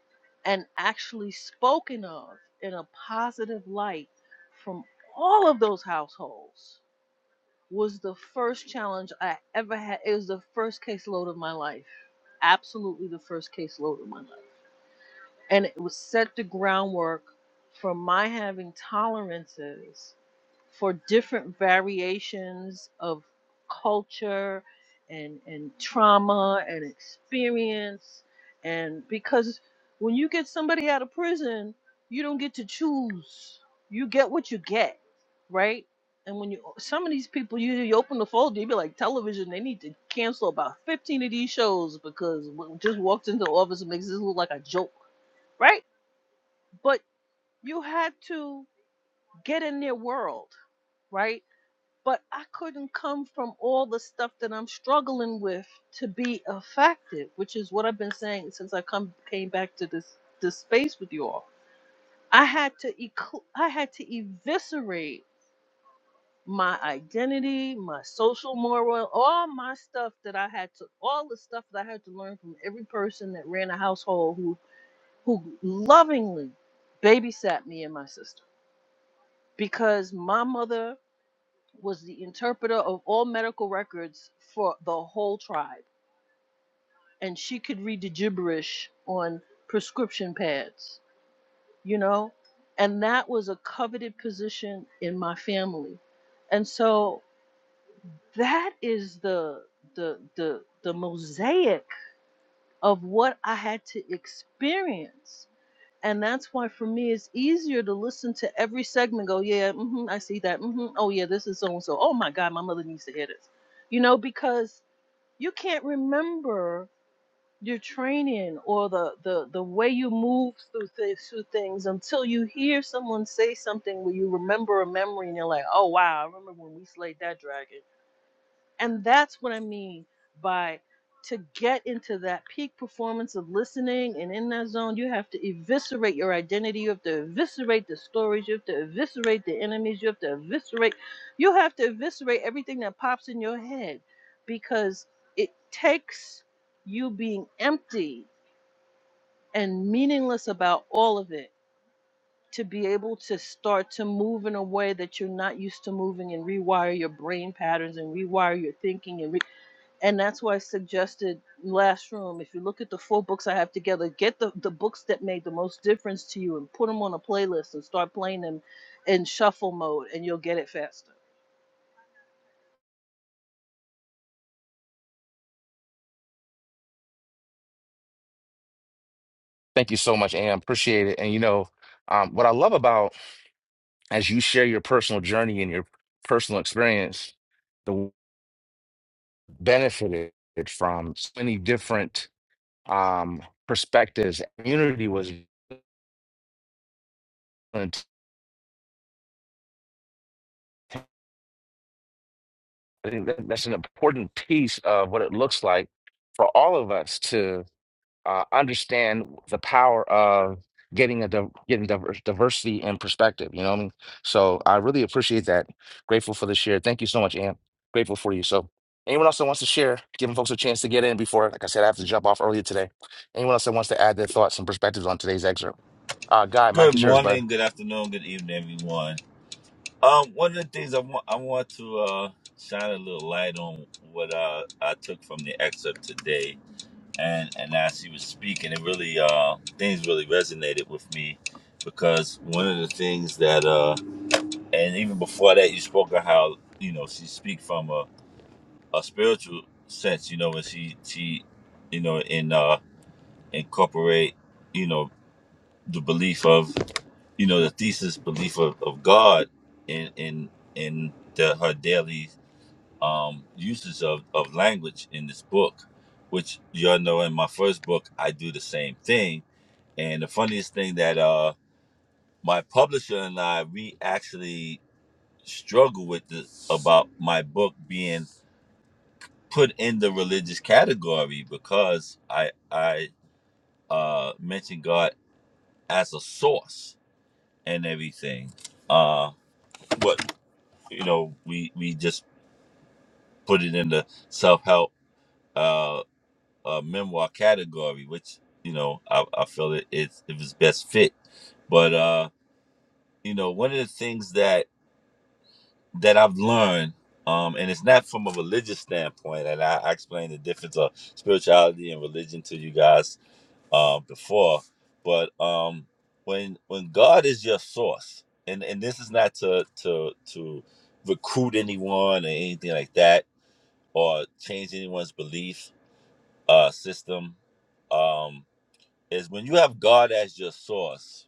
S6: and actually spoken of in a positive light from all of those households was the first challenge I ever had. It was the first caseload of my life. Absolutely the first caseload of my life. And it was set the groundwork for my having tolerances for different variations of culture and and trauma and experience and because when you get somebody out of prison you don't get to choose you get what you get right and when you some of these people you, you open the folder you be like television they need to cancel about 15 of these shows because what just walked into the office and makes this look like a joke right but you had to get in their world right but I couldn't come from all the stuff that I'm struggling with to be effective, which is what I've been saying since I come came back to this this space with you all. I had to ecl- I had to eviscerate my identity, my social moral, all my stuff that I had to all the stuff that I had to learn from every person that ran a household who who lovingly babysat me and my sister because my mother was the interpreter of all medical records for the whole tribe, and she could read the gibberish on prescription pads, you know? And that was a coveted position in my family. And so that is the the the the mosaic of what I had to experience. And that's why for me it's easier to listen to every segment go, yeah, hmm I see that. hmm Oh yeah, this is so and so. Oh my God, my mother needs to hear this. You know, because you can't remember your training or the the the way you move through th- through things until you hear someone say something where you remember a memory and you're like, oh wow, I remember when we slayed that dragon. And that's what I mean by to get into that peak performance of listening and in that zone, you have to eviscerate your identity. You have to eviscerate the stories. You have to eviscerate the enemies. You have to eviscerate, you have to eviscerate everything that pops in your head because it takes you being empty and meaningless about all of it to be able to start to move in a way that you're not used to moving and rewire your brain patterns and rewire your thinking and re- and that's why I suggested last room. If you look at the four books I have together, get the the books that made the most difference to you and put them on a playlist and start playing them in shuffle mode, and you'll get it faster.
S1: Thank you so much, Am. Appreciate it. And you know, um, what I love about as you share your personal journey and your personal experience, the benefited from so many different um, perspectives. Community was, I think that- that's an important piece of what it looks like for all of us uh, understand the power of getting a div- getting diverse, diversity and perspective. You know what I mean? So I really appreciate that. Grateful for the share. Thank you so much, Am. Grateful for you. So anyone else that wants to share, giving folks a chance to get in before, like I said, I have to jump off earlier today. Anyone else that wants to add their thoughts and perspectives on today's excerpt? Uh, Guy,
S7: Good
S1: Mike is yours, bud.
S7: morning, good afternoon, good evening, everyone. Um, one of the things I want I want to uh, shine a little light on what uh, I took from the excerpt today, and and as he was speaking, it really uh, things really resonated with me because one of the things that uh, and even before that, you spoke of how you know she speak from a, a spiritual sense, you know, and she she you know in uh, incorporate you know the belief of you know the thesis belief of, of God in in in the, her daily um, uses of, of language in this book, which y'all know in my first book I do the same thing. And the funniest thing that uh my publisher and I we actually struggle with this about my book being put in the religious category because I I uh mention God as a source and everything. Uh what you know we we just put it in the self-help uh, uh memoir category which you know i, I feel it it's it was best fit but uh you know one of the things that that i've learned um and it's not from a religious standpoint and i, I explained the difference of spirituality and religion to you guys uh, before but um when when god is your source and and this is not to to to recruit anyone or anything like that or change anyone's belief uh, system um, is when you have God as your source.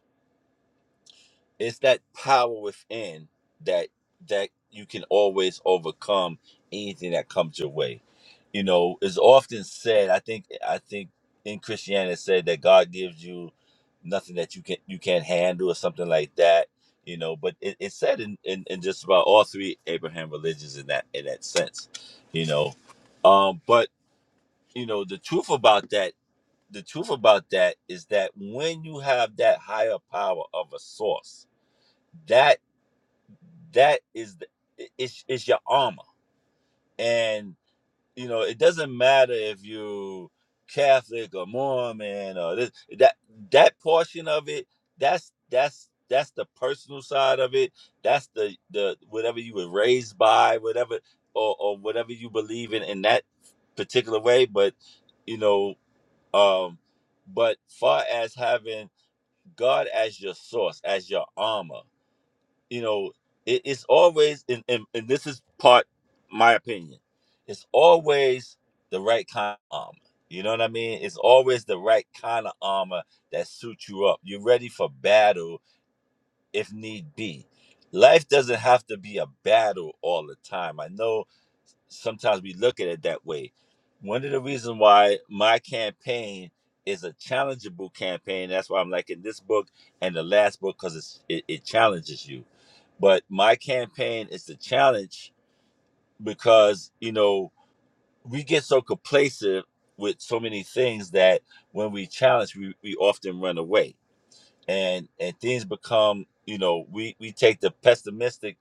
S7: It's that power within that that you can always overcome anything that comes your way. You know, it's often said. I think I think in Christianity it said that God gives you nothing that you can you can't handle or something like that. You know, but it, it's said in, in, in just about all three Abraham religions in that in that sense. You know, um, but you know the truth about that the truth about that is that when you have that higher power of a source that that is the, it's, it's your armor and you know it doesn't matter if you catholic or mormon or this that that portion of it that's that's that's the personal side of it that's the the whatever you were raised by whatever or, or whatever you believe in in that particular way but you know um, but far as having God as your source, as your armor, you know, it, it's always, and, and, and this is part my opinion, it's always the right kind of armor. You know what I mean? It's always the right kind of armor that suits you up. You're ready for battle if need be. Life doesn't have to be a battle all the time. I know sometimes we look at it that way. One of the reasons why my campaign is a challengeable campaign, that's why I'm liking this book and the last book because it, it challenges you. But my campaign is the challenge because, you know, we get so complacent with so many things that when we challenge, we, we often run away and and things become you know we we take the pessimistic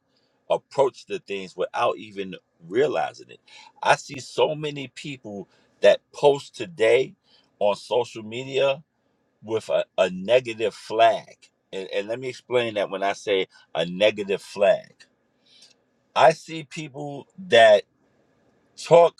S7: approach to things without even realizing it i see so many people that post today on social media with a, a negative flag and, and let me explain that when i say a negative flag i see people that talk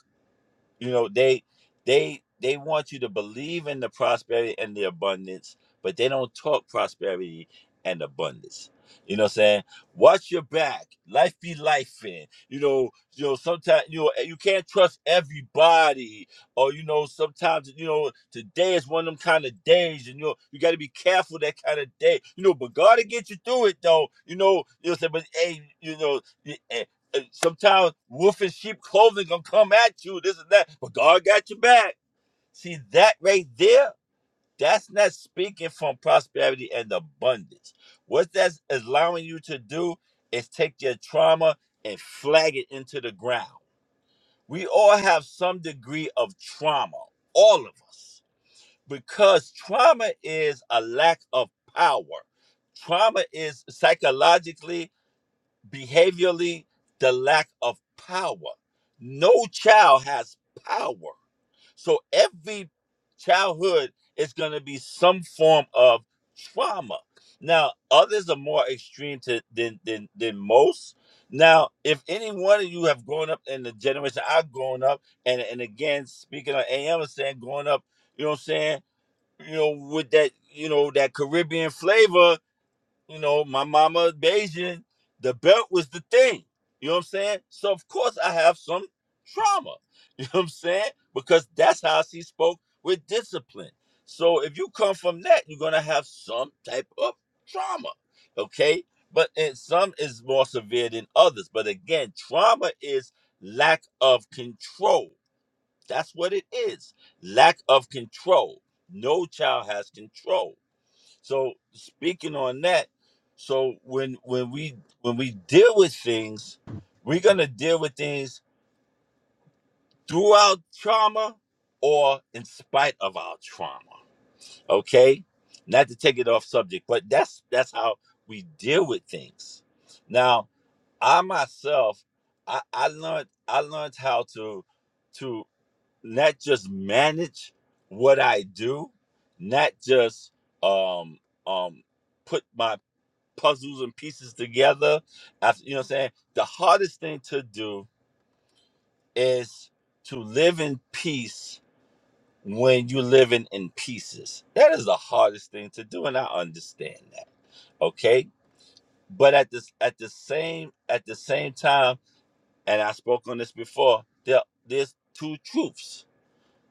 S7: you know they they they want you to believe in the prosperity and the abundance but they don't talk prosperity and abundance you know what i'm saying watch your back life be life in you know you know sometimes you know you can't trust everybody or you know sometimes you know today is one of them kind of days and you know you got to be careful that kind of day you know but god will get you through it though you know you know what I'm saying? but hey you know and sometimes wolf and sheep clothing gonna come at you, this and that, but God got your back. See that right there? That's not speaking from prosperity and abundance. What that's allowing you to do is take your trauma and flag it into the ground. We all have some degree of trauma, all of us, because trauma is a lack of power. Trauma is psychologically behaviorally the lack of power. No child has power. So every childhood is going to be some form of trauma. Now, others are more extreme to, than, than, than most. Now, if any one of you have grown up in the generation I've grown up, and, and again, speaking of AM and saying growing up, you know what I'm saying, you know, with that, you know, that Caribbean flavor, you know, my mama Bayesian, the belt was the thing. You know what I'm saying? So of course I have some trauma. You know what I'm saying? Because that's how she spoke with discipline. So if you come from that, you're gonna have some type of trauma. Okay? But and some is more severe than others. But again, trauma is lack of control. That's what it is. Lack of control. No child has control so speaking on that, so when when we when we deal with things, we're gonna deal with things throughout trauma or in spite of our trauma. Okay? Not to take it off subject, but that's that's how we deal with things. Now, I myself, I, I learned I learned how to to not just manage what I do, not just um um put my puzzles and pieces together. After, you know what I'm saying? The hardest thing to do is to live in peace when you're living in pieces. That is the hardest thing to do, and I understand that. Okay. But at this at the same at the same time, and I spoke on this before, there there's two truths.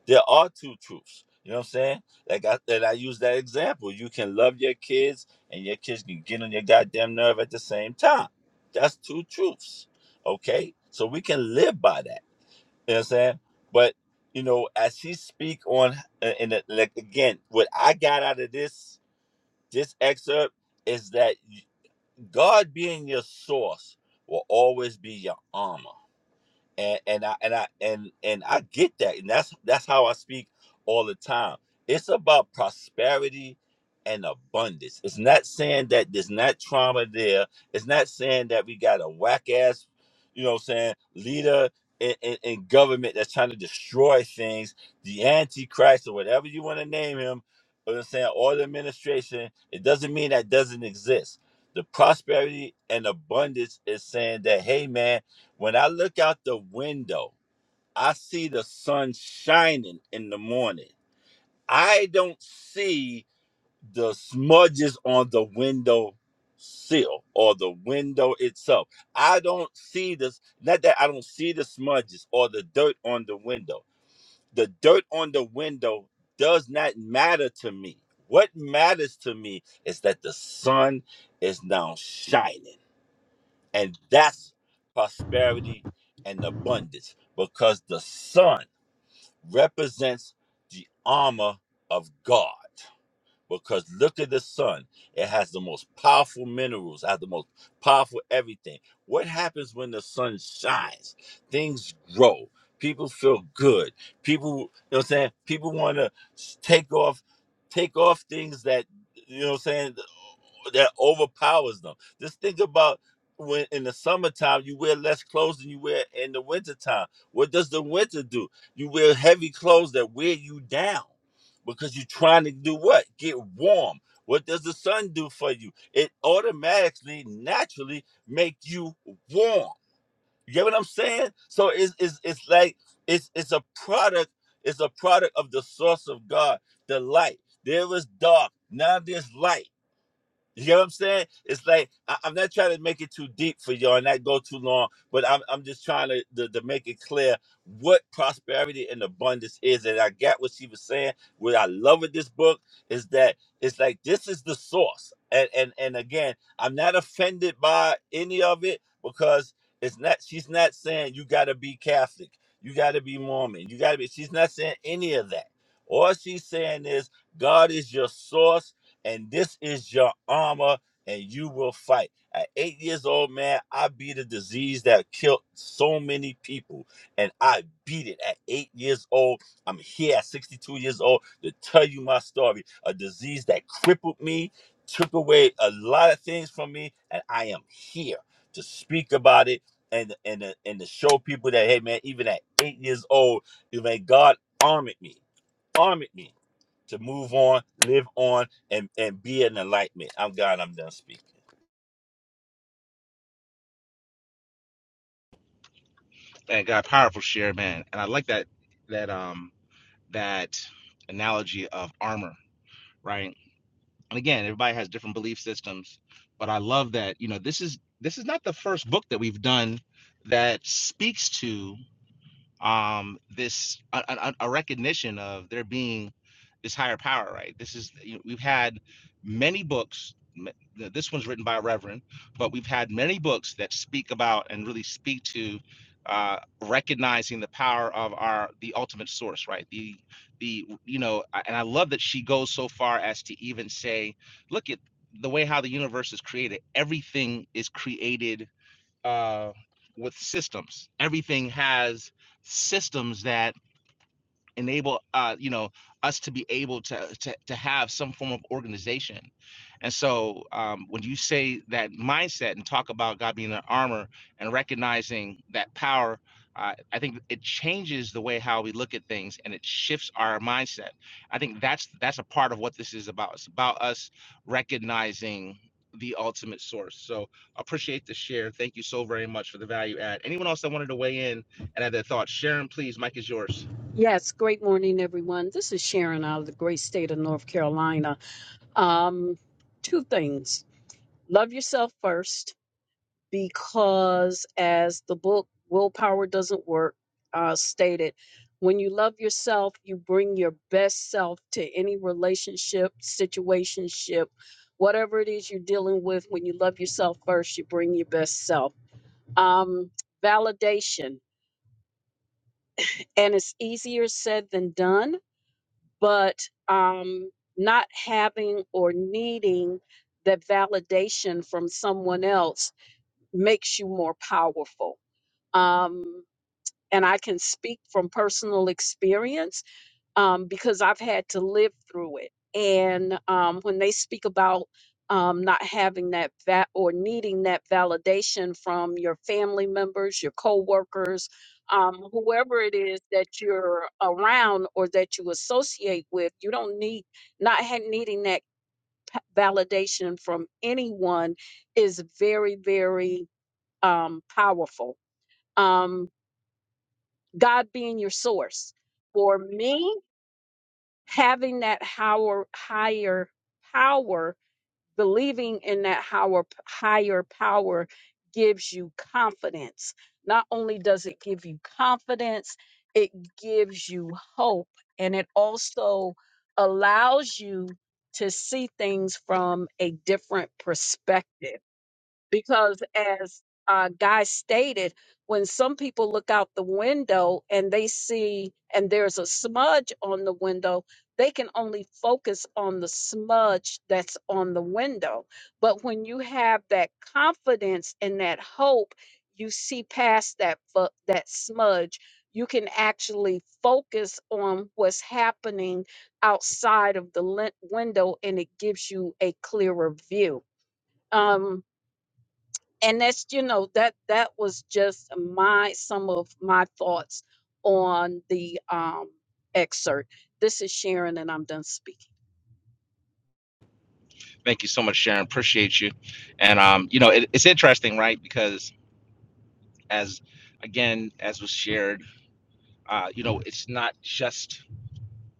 S7: there are two truths. You know what I'm saying? Like I that I use that example. You can love your kids and your kids can get on your goddamn nerve at the same time. That's two truths. Okay? So we can live by that. You know what I'm saying? But you know, as she speak on uh, and it- like again, what I got out of this this excerpt is that y- God being your source will always be your armor and and I and I and and I get that, and that's that's how I speak all the time. It's about prosperity and abundance. It's not saying that there's not trauma there. It's not saying that we got a whack ass, you know, what I'm saying leader in, in, in government that's trying to destroy things, the antichrist or whatever you want to name him. You know what I'm saying or the administration. It doesn't mean that doesn't exist. The prosperity and abundance is saying that, hey man when I look out the window, I see the sun shining in the morning. I don't see the smudges on the window sill or the window itself. I don't see this, not that I don't see the smudges or the dirt on the window. The dirt on the window does not matter to me. What matters to me is that the sun is now shining. And that's prosperity and abundance because the sun represents the armor of God. Because look at the sun, it has the most powerful minerals, has the most powerful everything. What happens when the sun shines? Things grow. People feel good. People, you know what I'm saying? People want to take off take off things that you know what I'm saying that overpowers them. Just think about when in the summertime you wear less clothes than you wear in the wintertime. What does the winter do? You wear heavy clothes that wear you down because you're trying to do what? Get warm. What does the sun do for you? It automatically, naturally make you warm. You get what I'm saying? So it's it's, it's like it's it's a product, it's a product of the source of God, the light. There was dark, now there's light. You get what I'm saying? It's like I, I'm not trying to make it too deep for y'all and not go too long, but I'm I'm just trying to, to to make it clear what prosperity and abundance is. And I got what she was saying. What I love with this book is that it's like this is the source. And and and again, I'm not offended by any of it because it's not. She's not saying you got to be Catholic, you got to be Mormon, you got to be. She's not saying any of that. All she's saying is God is your source and this is your armor, and you will fight. At eight years old, man, I beat a disease that killed so many people, and I beat it at eight years old. I'm here at 62 years old to tell you my story. A disease that crippled me, took away a lot of things from me, and I am here to speak about it and and to- and to show people that hey, man, even at eight years old, you man, God armored me, armored me to move on, live on, and and be an enlightenment. I'm God. I'm done speaking.
S1: Man, God, powerful share, man. And I like that that um that analogy of armor, right? and again everybody has different belief systems but i love that you know this is this is not the first book that we've done that speaks to um this a, a, a recognition of there being this higher power right this is you know, we've had many books this one's written by a reverend but we've had many books that speak about and really speak to uh, recognizing the power of our the ultimate source right the the you know and i love that she goes so far as to even say look at the way how the universe is created everything is created uh, with systems. Everything has systems that enable uh, you know us to be able to, to to have some form of organization and so um, when you say that mindset and talk about god being an armor and recognizing that power uh, i think it changes the way how we look at things and it shifts our mindset i think that's that's a part of what this is about it's about us recognizing the ultimate source so appreciate the share thank you so very much for the value add anyone else that wanted to weigh in and add their thoughts sharon please mike is yours
S8: Yes, great morning, everyone. This is Sharon out of the great state of North Carolina. Um, two things. Love yourself first, because as the book Willpower Doesn't Work uh, stated, when you love yourself, you bring your best self to any relationship, situationship, whatever it is you're dealing with. When you love yourself first, you bring your best self. Um, validation. And it's easier said than done but um, not having or needing that validation from someone else makes you more powerful. Um, and I can speak from personal experience um, because I've had to live through it. And um, when they speak about um, not having that va- or needing that validation from your family members, your coworkers, um, whoever it is that you're around or that you associate with, you don't need not ha- needing that p- validation from anyone is very, very um, powerful. Um, God being your source. For me, having that higher higher power believing in that higher higher power gives you confidence not only does it give you confidence it gives you hope and it also allows you to see things from a different perspective because as uh, guy stated when some people look out the window and they see and there's a smudge on the window they can only focus on the smudge that's on the window but when you have that confidence and that hope you see past that fu- that smudge you can actually focus on what's happening outside of the lin- window and it gives you a clearer view um and that's you know that that was just my some of my thoughts on the um excerpt this is sharon and i'm done speaking
S1: Thank you so much, Sharon. Appreciate you. And um, you know, it, it's interesting, right? Because as again, as was shared, uh, you know, it's not just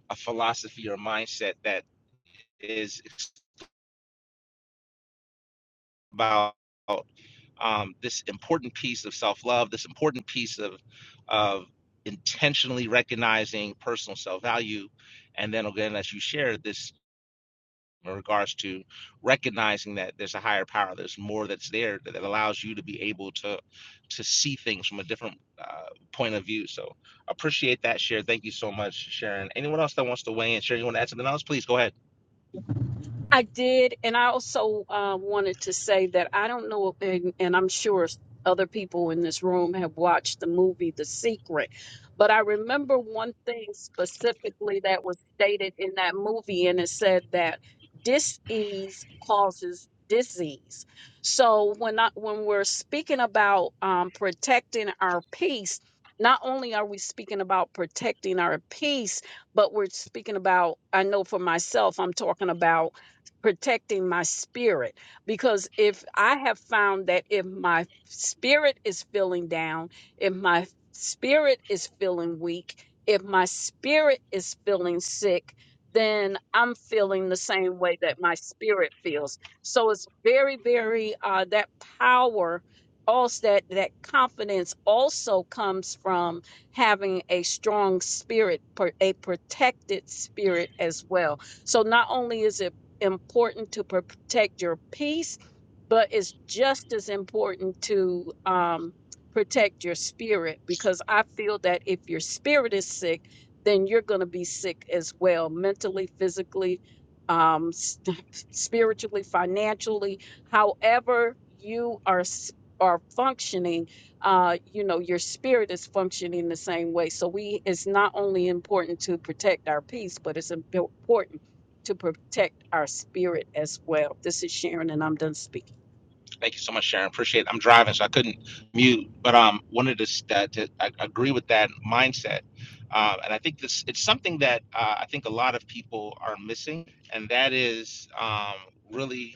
S1: a philosophy or mindset that is about um, this important piece of self-love, this important piece of of intentionally recognizing personal self-value, and then again, as you shared, this in regards to recognizing that there's a higher power there's more that's there that, allows you to be able to to see things from a different uh, point of view so appreciate that share thank you so much sharon anyone else that wants to weigh in sharon you want to add something else please go ahead
S8: I did, and I also uh, wanted to say that I don't know, and, and I'm sure other people in this room have watched the movie The Secret, but I remember one thing specifically that was stated in that movie, and it said that dis-ease causes disease. So when I, when we're speaking about um, protecting our peace, not only are we speaking about protecting our peace, but we're speaking about. I know for myself, I'm talking about protecting my spirit because if I have found that if my spirit is feeling down, if my spirit is feeling weak, if my spirit is feeling sick, then I'm feeling the same way that my spirit feels. So it's very, very uh, that power. Also, that that confidence also comes from having a strong spirit, per- a protected spirit as well. So not only is it important to protect your peace, but it's just as important to um, protect your spirit because I feel that if your spirit is sick, then you're going to be sick as well, mentally, physically, um, s- spiritually, financially. However, you are s- are functioning. Uh, you know, your spirit is functioning the same way. So we, it's not only important to protect our peace, but it's impor- important to protect our spirit as well. This is Sharon, and I'm done speaking.
S1: thank you so much sharon appreciate it i'm driving so i couldn't mute but um wanted to, uh, to I agree with that mindset um, and i think this it's something that uh, i think a lot of people are missing and that is um, really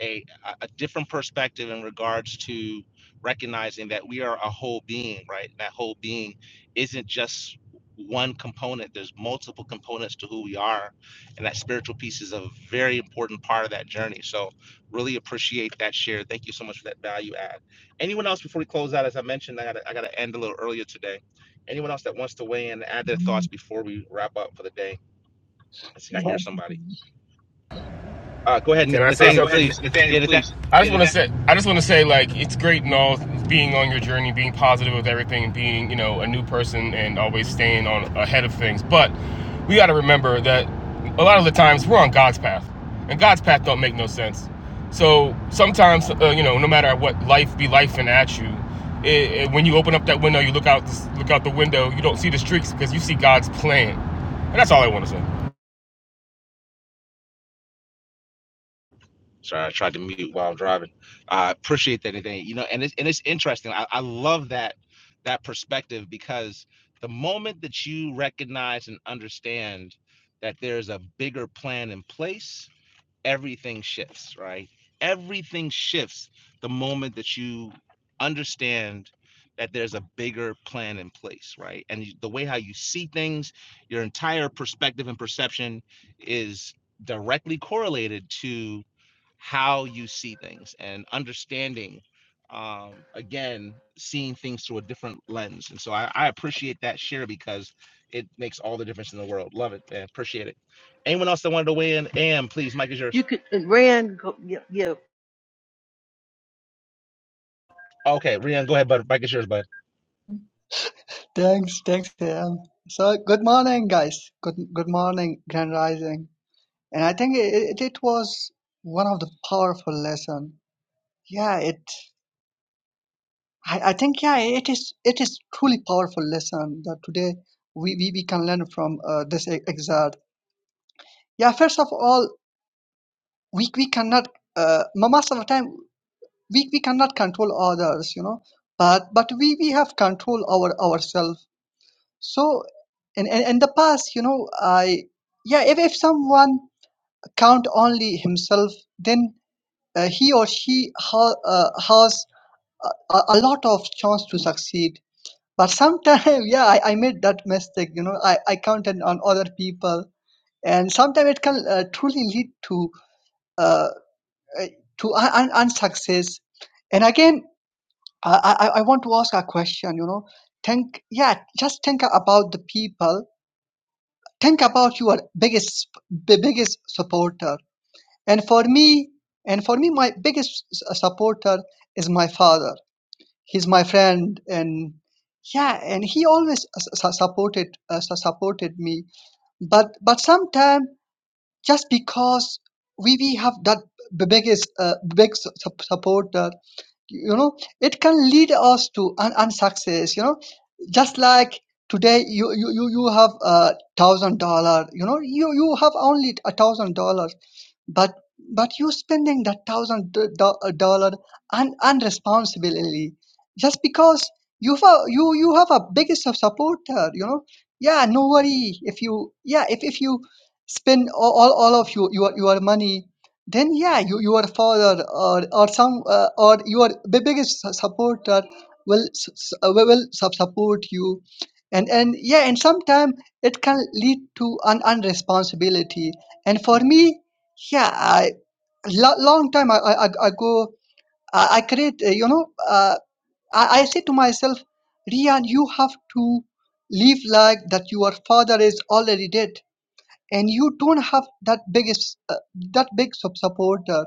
S1: a, a different perspective in regards to recognizing that we are a whole being, right? That whole being isn't just one component, there's multiple components to who we are. And that spiritual piece is a very important part of that journey. So, really appreciate that share. Thank you so much for that value add. Anyone else before we close out? As I mentioned, I got I got to end a little earlier today. Anyone else that wants to weigh in and add their thoughts
S9: Mm,
S1: before we wrap up for the day? I think I hear
S9: Yes.
S1: somebody. Uh, go ahead,
S10: Can I say
S1: Nathaniel,
S10: something?
S1: please. Yeah, Nathaniel.
S10: I just want to say, I just want to say, like, it's great and all, being on your journey, being positive with everything, and being, you know, a new person, and always staying on ahead of things. But we got to remember that a lot of the times we're on God's path, and God's path don't make no sense. So sometimes, uh, you know, no matter what life be life at you, it, it- when you open up that window, you look out, look out the window, you don't see the streaks because you see God's plan, and that's all I want to say.
S1: Sorry, I tried to mute while I'm driving. I appreciate that today. You know, and it's and it's interesting. I, I love that that perspective because the moment that you recognize and understand that there's a bigger plan in place, everything shifts, right? Everything shifts the moment that you understand that there's a bigger plan in place, right? And the way how you see things, your entire perspective and perception is directly correlated to how you see things and understanding um again seeing things through a different lens and so I, I appreciate that share because it makes all the difference in the world love it man. appreciate it anyone else that wanted to weigh in am please mike is yours
S6: You could and Rand, go, yeah, yeah,
S1: Okay, Rian, go ahead, bud. Mike is yours, bud.
S9: Thanks, thanks, Sam. So, good morning, guys. Good, good morning, Grand Rising. And I think it, it, it was one of the powerful lesson. Yeah, it. I, I think yeah, it is. It is truly powerful lesson that today we we, we can learn from uh, this e- excerpt. Yeah, first of all, we we cannot. Uh, most of the time, we we cannot control others, you know. But but we we have control over ourselves So in, in, in the past, you know, I yeah, if, if someone count only himself, then uh, he or she ha, uh, has a, a a lot of chance to succeed. But sometimes, yeah, I, I made that mistake. You know, I, I counted on other people, and sometimes it can uh, truly lead to uh, uh, to un- un- unsuccess. And again, I, I, I want to ask a question. You know, think yeah, just think about the people think about your biggest b- biggest supporter and for me and for me my biggest s- uh, supporter is my father he's my friend and yeah and he always s- s- supported uh, su- supported me but but sometimes just because we we have that b- biggest uh, big su- su- supporter you know it can lead us to an unsuccess you know just like today you you you you have a thousand dollar you know you you have only a thousand dollars but but you spending that thousand d- do- uh, dollar un- unresponsibly just because you have a, you you have a biggest of supporter, you know. Yeah, no worry if you yeah if, if you spend all, all, all of your, your your money, then yeah you, your father or or some uh, or your bi- biggest su- supporter will s- s- uh, will will sup- support you, and and yeah and sometimes it can lead to an unresponsibility. And for me, yeah, I lo- long time I I, I I go I, I create uh, you know uh, I, I say to myself, Rian, you have to live like that your father is already dead, and you don't have that biggest uh, that big sub supporter.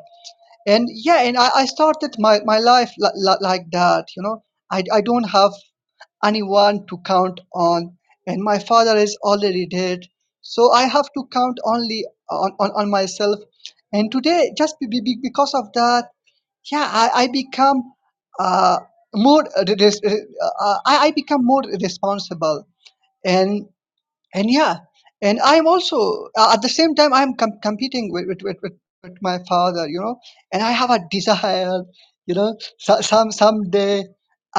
S9: And yeah, and I, I started my my life li- li- like that. You know, I I don't have anyone to count on, and my father is already dead, so I have to count only on, on, on myself. And today, just be, be, be- because of that, yeah, I, I become uh, more uh, res- uh, I, I become more responsible, and and yeah and i'm also uh, at the same time i'm com- competing with, with, with, with, with my father you know and i have a desire you know so, some someday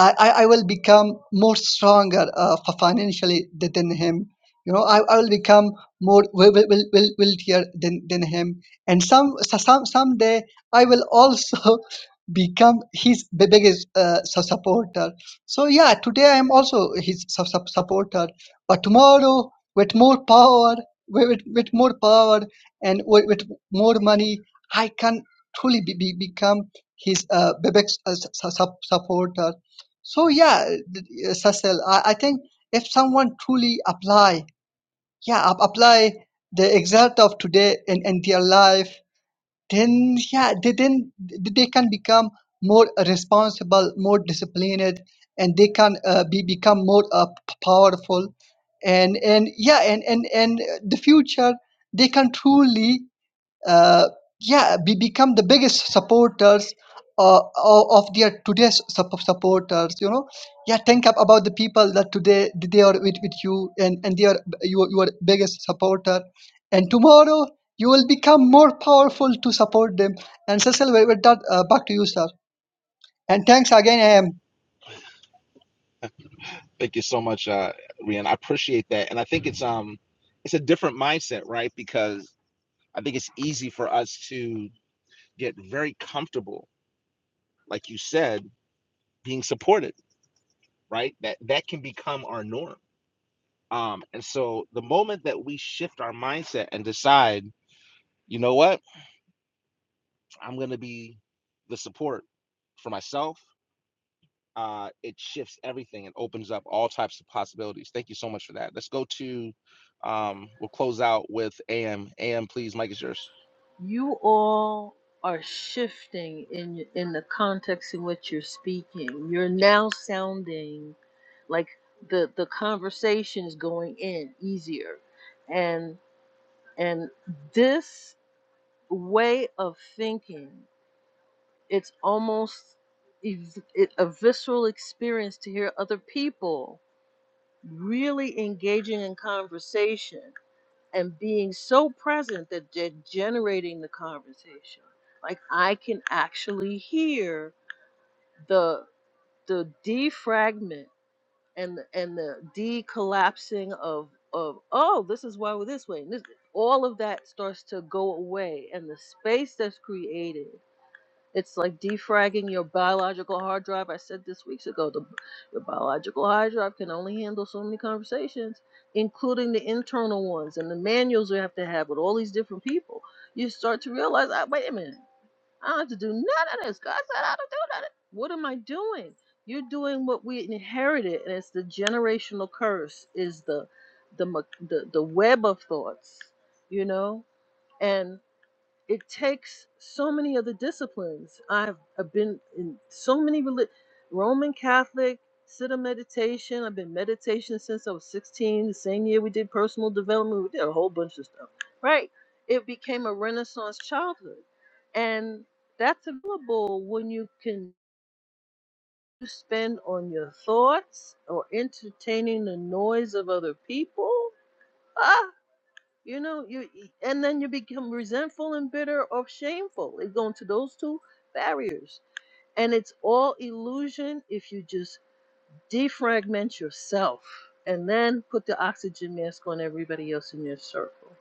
S9: I, I I will become more stronger uh, fi- financially th- than him you know i, I will become more wi- wi- wi- wi- wealthier than, than him and some so- some someday i will also become his bi- biggest uh, su- supporter so yeah today i am also his su- su- supporter but tomorrow with more power, with, with more power, and with, with more money, I can truly be, be, become his uh, Bebek's uh, su- su- supporter. So yeah, th- uh, Cecil, I, I think if someone truly apply, yeah, ap- apply the exalt of today in, in their life, then yeah they then they can become more responsible more disciplined and they can uh, be become more uh, p- powerful and and yeah and and and the future they can truly uh, yeah, be, become the biggest supporters uh, o- of their today's sup- supporters. You know, yeah, think ab- about the people that today they are with, with you and and they are your your biggest supporter, and tomorrow you will become more powerful to support them. And Cecil, with with that, uh, back to you, sir. And thanks again, I am.
S1: Thank you so much, uh, Rian. I appreciate that, and I think it's um, it's a different mindset, right? Because I think it's easy for us to get very comfortable, like you said, being supported, right? That that can become our norm. Um, and so the moment that we shift our mindset and decide, you know what, I'm going to be the support for myself, uh, it shifts everything and opens up all types of possibilities. Thank you so much for that. Let's go to, um, we'll close out with AM. AM, please, Mike is yours.
S6: you all are shifting in in the context in which you're speaking. You're now sounding like the the conversation is going in easier, and and this way of thinking, it's almost ev- it- a visceral experience to hear other people really engaging in conversation and being so present that they're generating the conversation. Like I can actually hear the the defragment and the- and the decollapsing of of oh this is why we're this way and this all of that starts to go away and the space that's created it's like defragging your biological hard drive. I said this weeks ago, the, your biological hard drive can only handle so many conversations, including the internal ones and the manuals we have to have with all these different people. You start to realize, I, wait a minute, I don't have to do none of this. God said I don't do none of it. What am I doing? You're doing what we inherited, and it's the generational curse. Is the the mo- the, the web of thoughts, you know, and it takes so many of the disciplines. I've, I've been in so many reli- Roman Catholic, Siddha meditation. I've been meditation since I was 16. The same year we did personal development, we did a whole bunch of stuff, right? It became a renaissance childhood. And that's available when you can spend on your thoughts or entertaining the noise of other people. You know, you and then you become resentful and bitter or shameful. It going to those two barriers. And it's all illusion if you just defragment yourself and then put the oxygen mask on everybody else in your circle.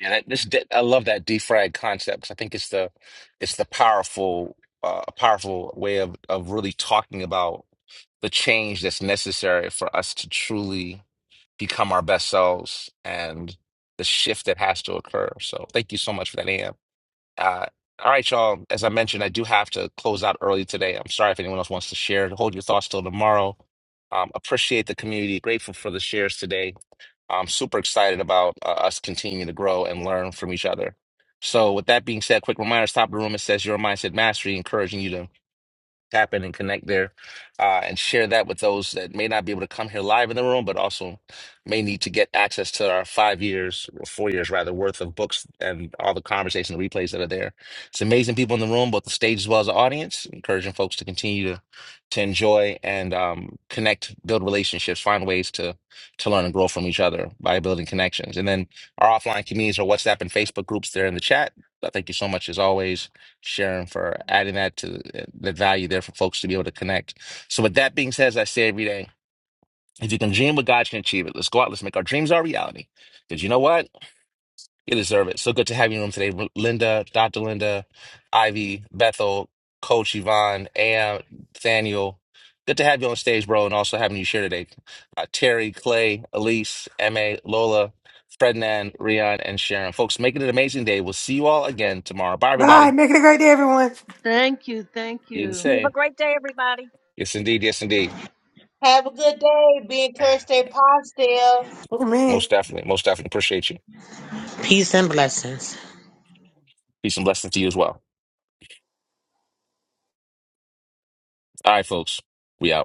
S1: Yeah, that this I love that defrag concept 'cause I think it's the it's the powerful uh powerful way of of really talking about the change that's necessary for us to truly become our best selves and the shift that has to occur. So thank you so much for that, Am. Uh, all right, y'all. As I mentioned, I do have to close out early today. I'm sorry if anyone else wants to share. Hold your thoughts till tomorrow. Um, appreciate the community. Grateful for the shares today. I'm super excited about uh, us continuing to grow and learn from each other. So, with that being said, quick reminders: top of the room it says your mindset mastery, encouraging you to tap in and connect there uh, and share that with those that may not be able to come here live in the room, but also may need to get access to our five years or four years rather worth of books and all the conversation replays that are there. It's amazing people in the room, both the stage as well as the audience, encouraging folks to continue to to enjoy and um, connect, build relationships, find ways to to learn and grow from each other by building connections. And then our offline communities are WhatsApp and Facebook groups there in the chat. But Thank you so much as always Sharon, for adding that to the value there for folks to be able to connect. So, with that being said, as I say every day, if you can dream what God can achieve it, let's go out, let's make our dreams our reality. Because you know what? You deserve it. So good to have you in the room today, Linda, Dr. Linda, Ivy, Bethel, Coach Yvonne, Am, Daniel. Good to have you on stage, bro, and also having you share today. Uh, Terry, Clay, Elise, MA, Lola, Frednan, Rion, and Sharon. Folks, make it an amazing day. We'll see you all again tomorrow. Bye,
S11: Bye.
S1: everybody.
S11: Make it a great day, everyone.
S6: Thank you, thank
S1: Be the
S6: you.
S1: same. Yes, indeed. Yes, indeed.
S4: Have a good day. Thursday pasta.
S11: Amen.
S1: Most definitely. Most definitely. Appreciate you.
S12: Peace and blessings.
S1: Peace and blessings to you as well. All right, folks. We out.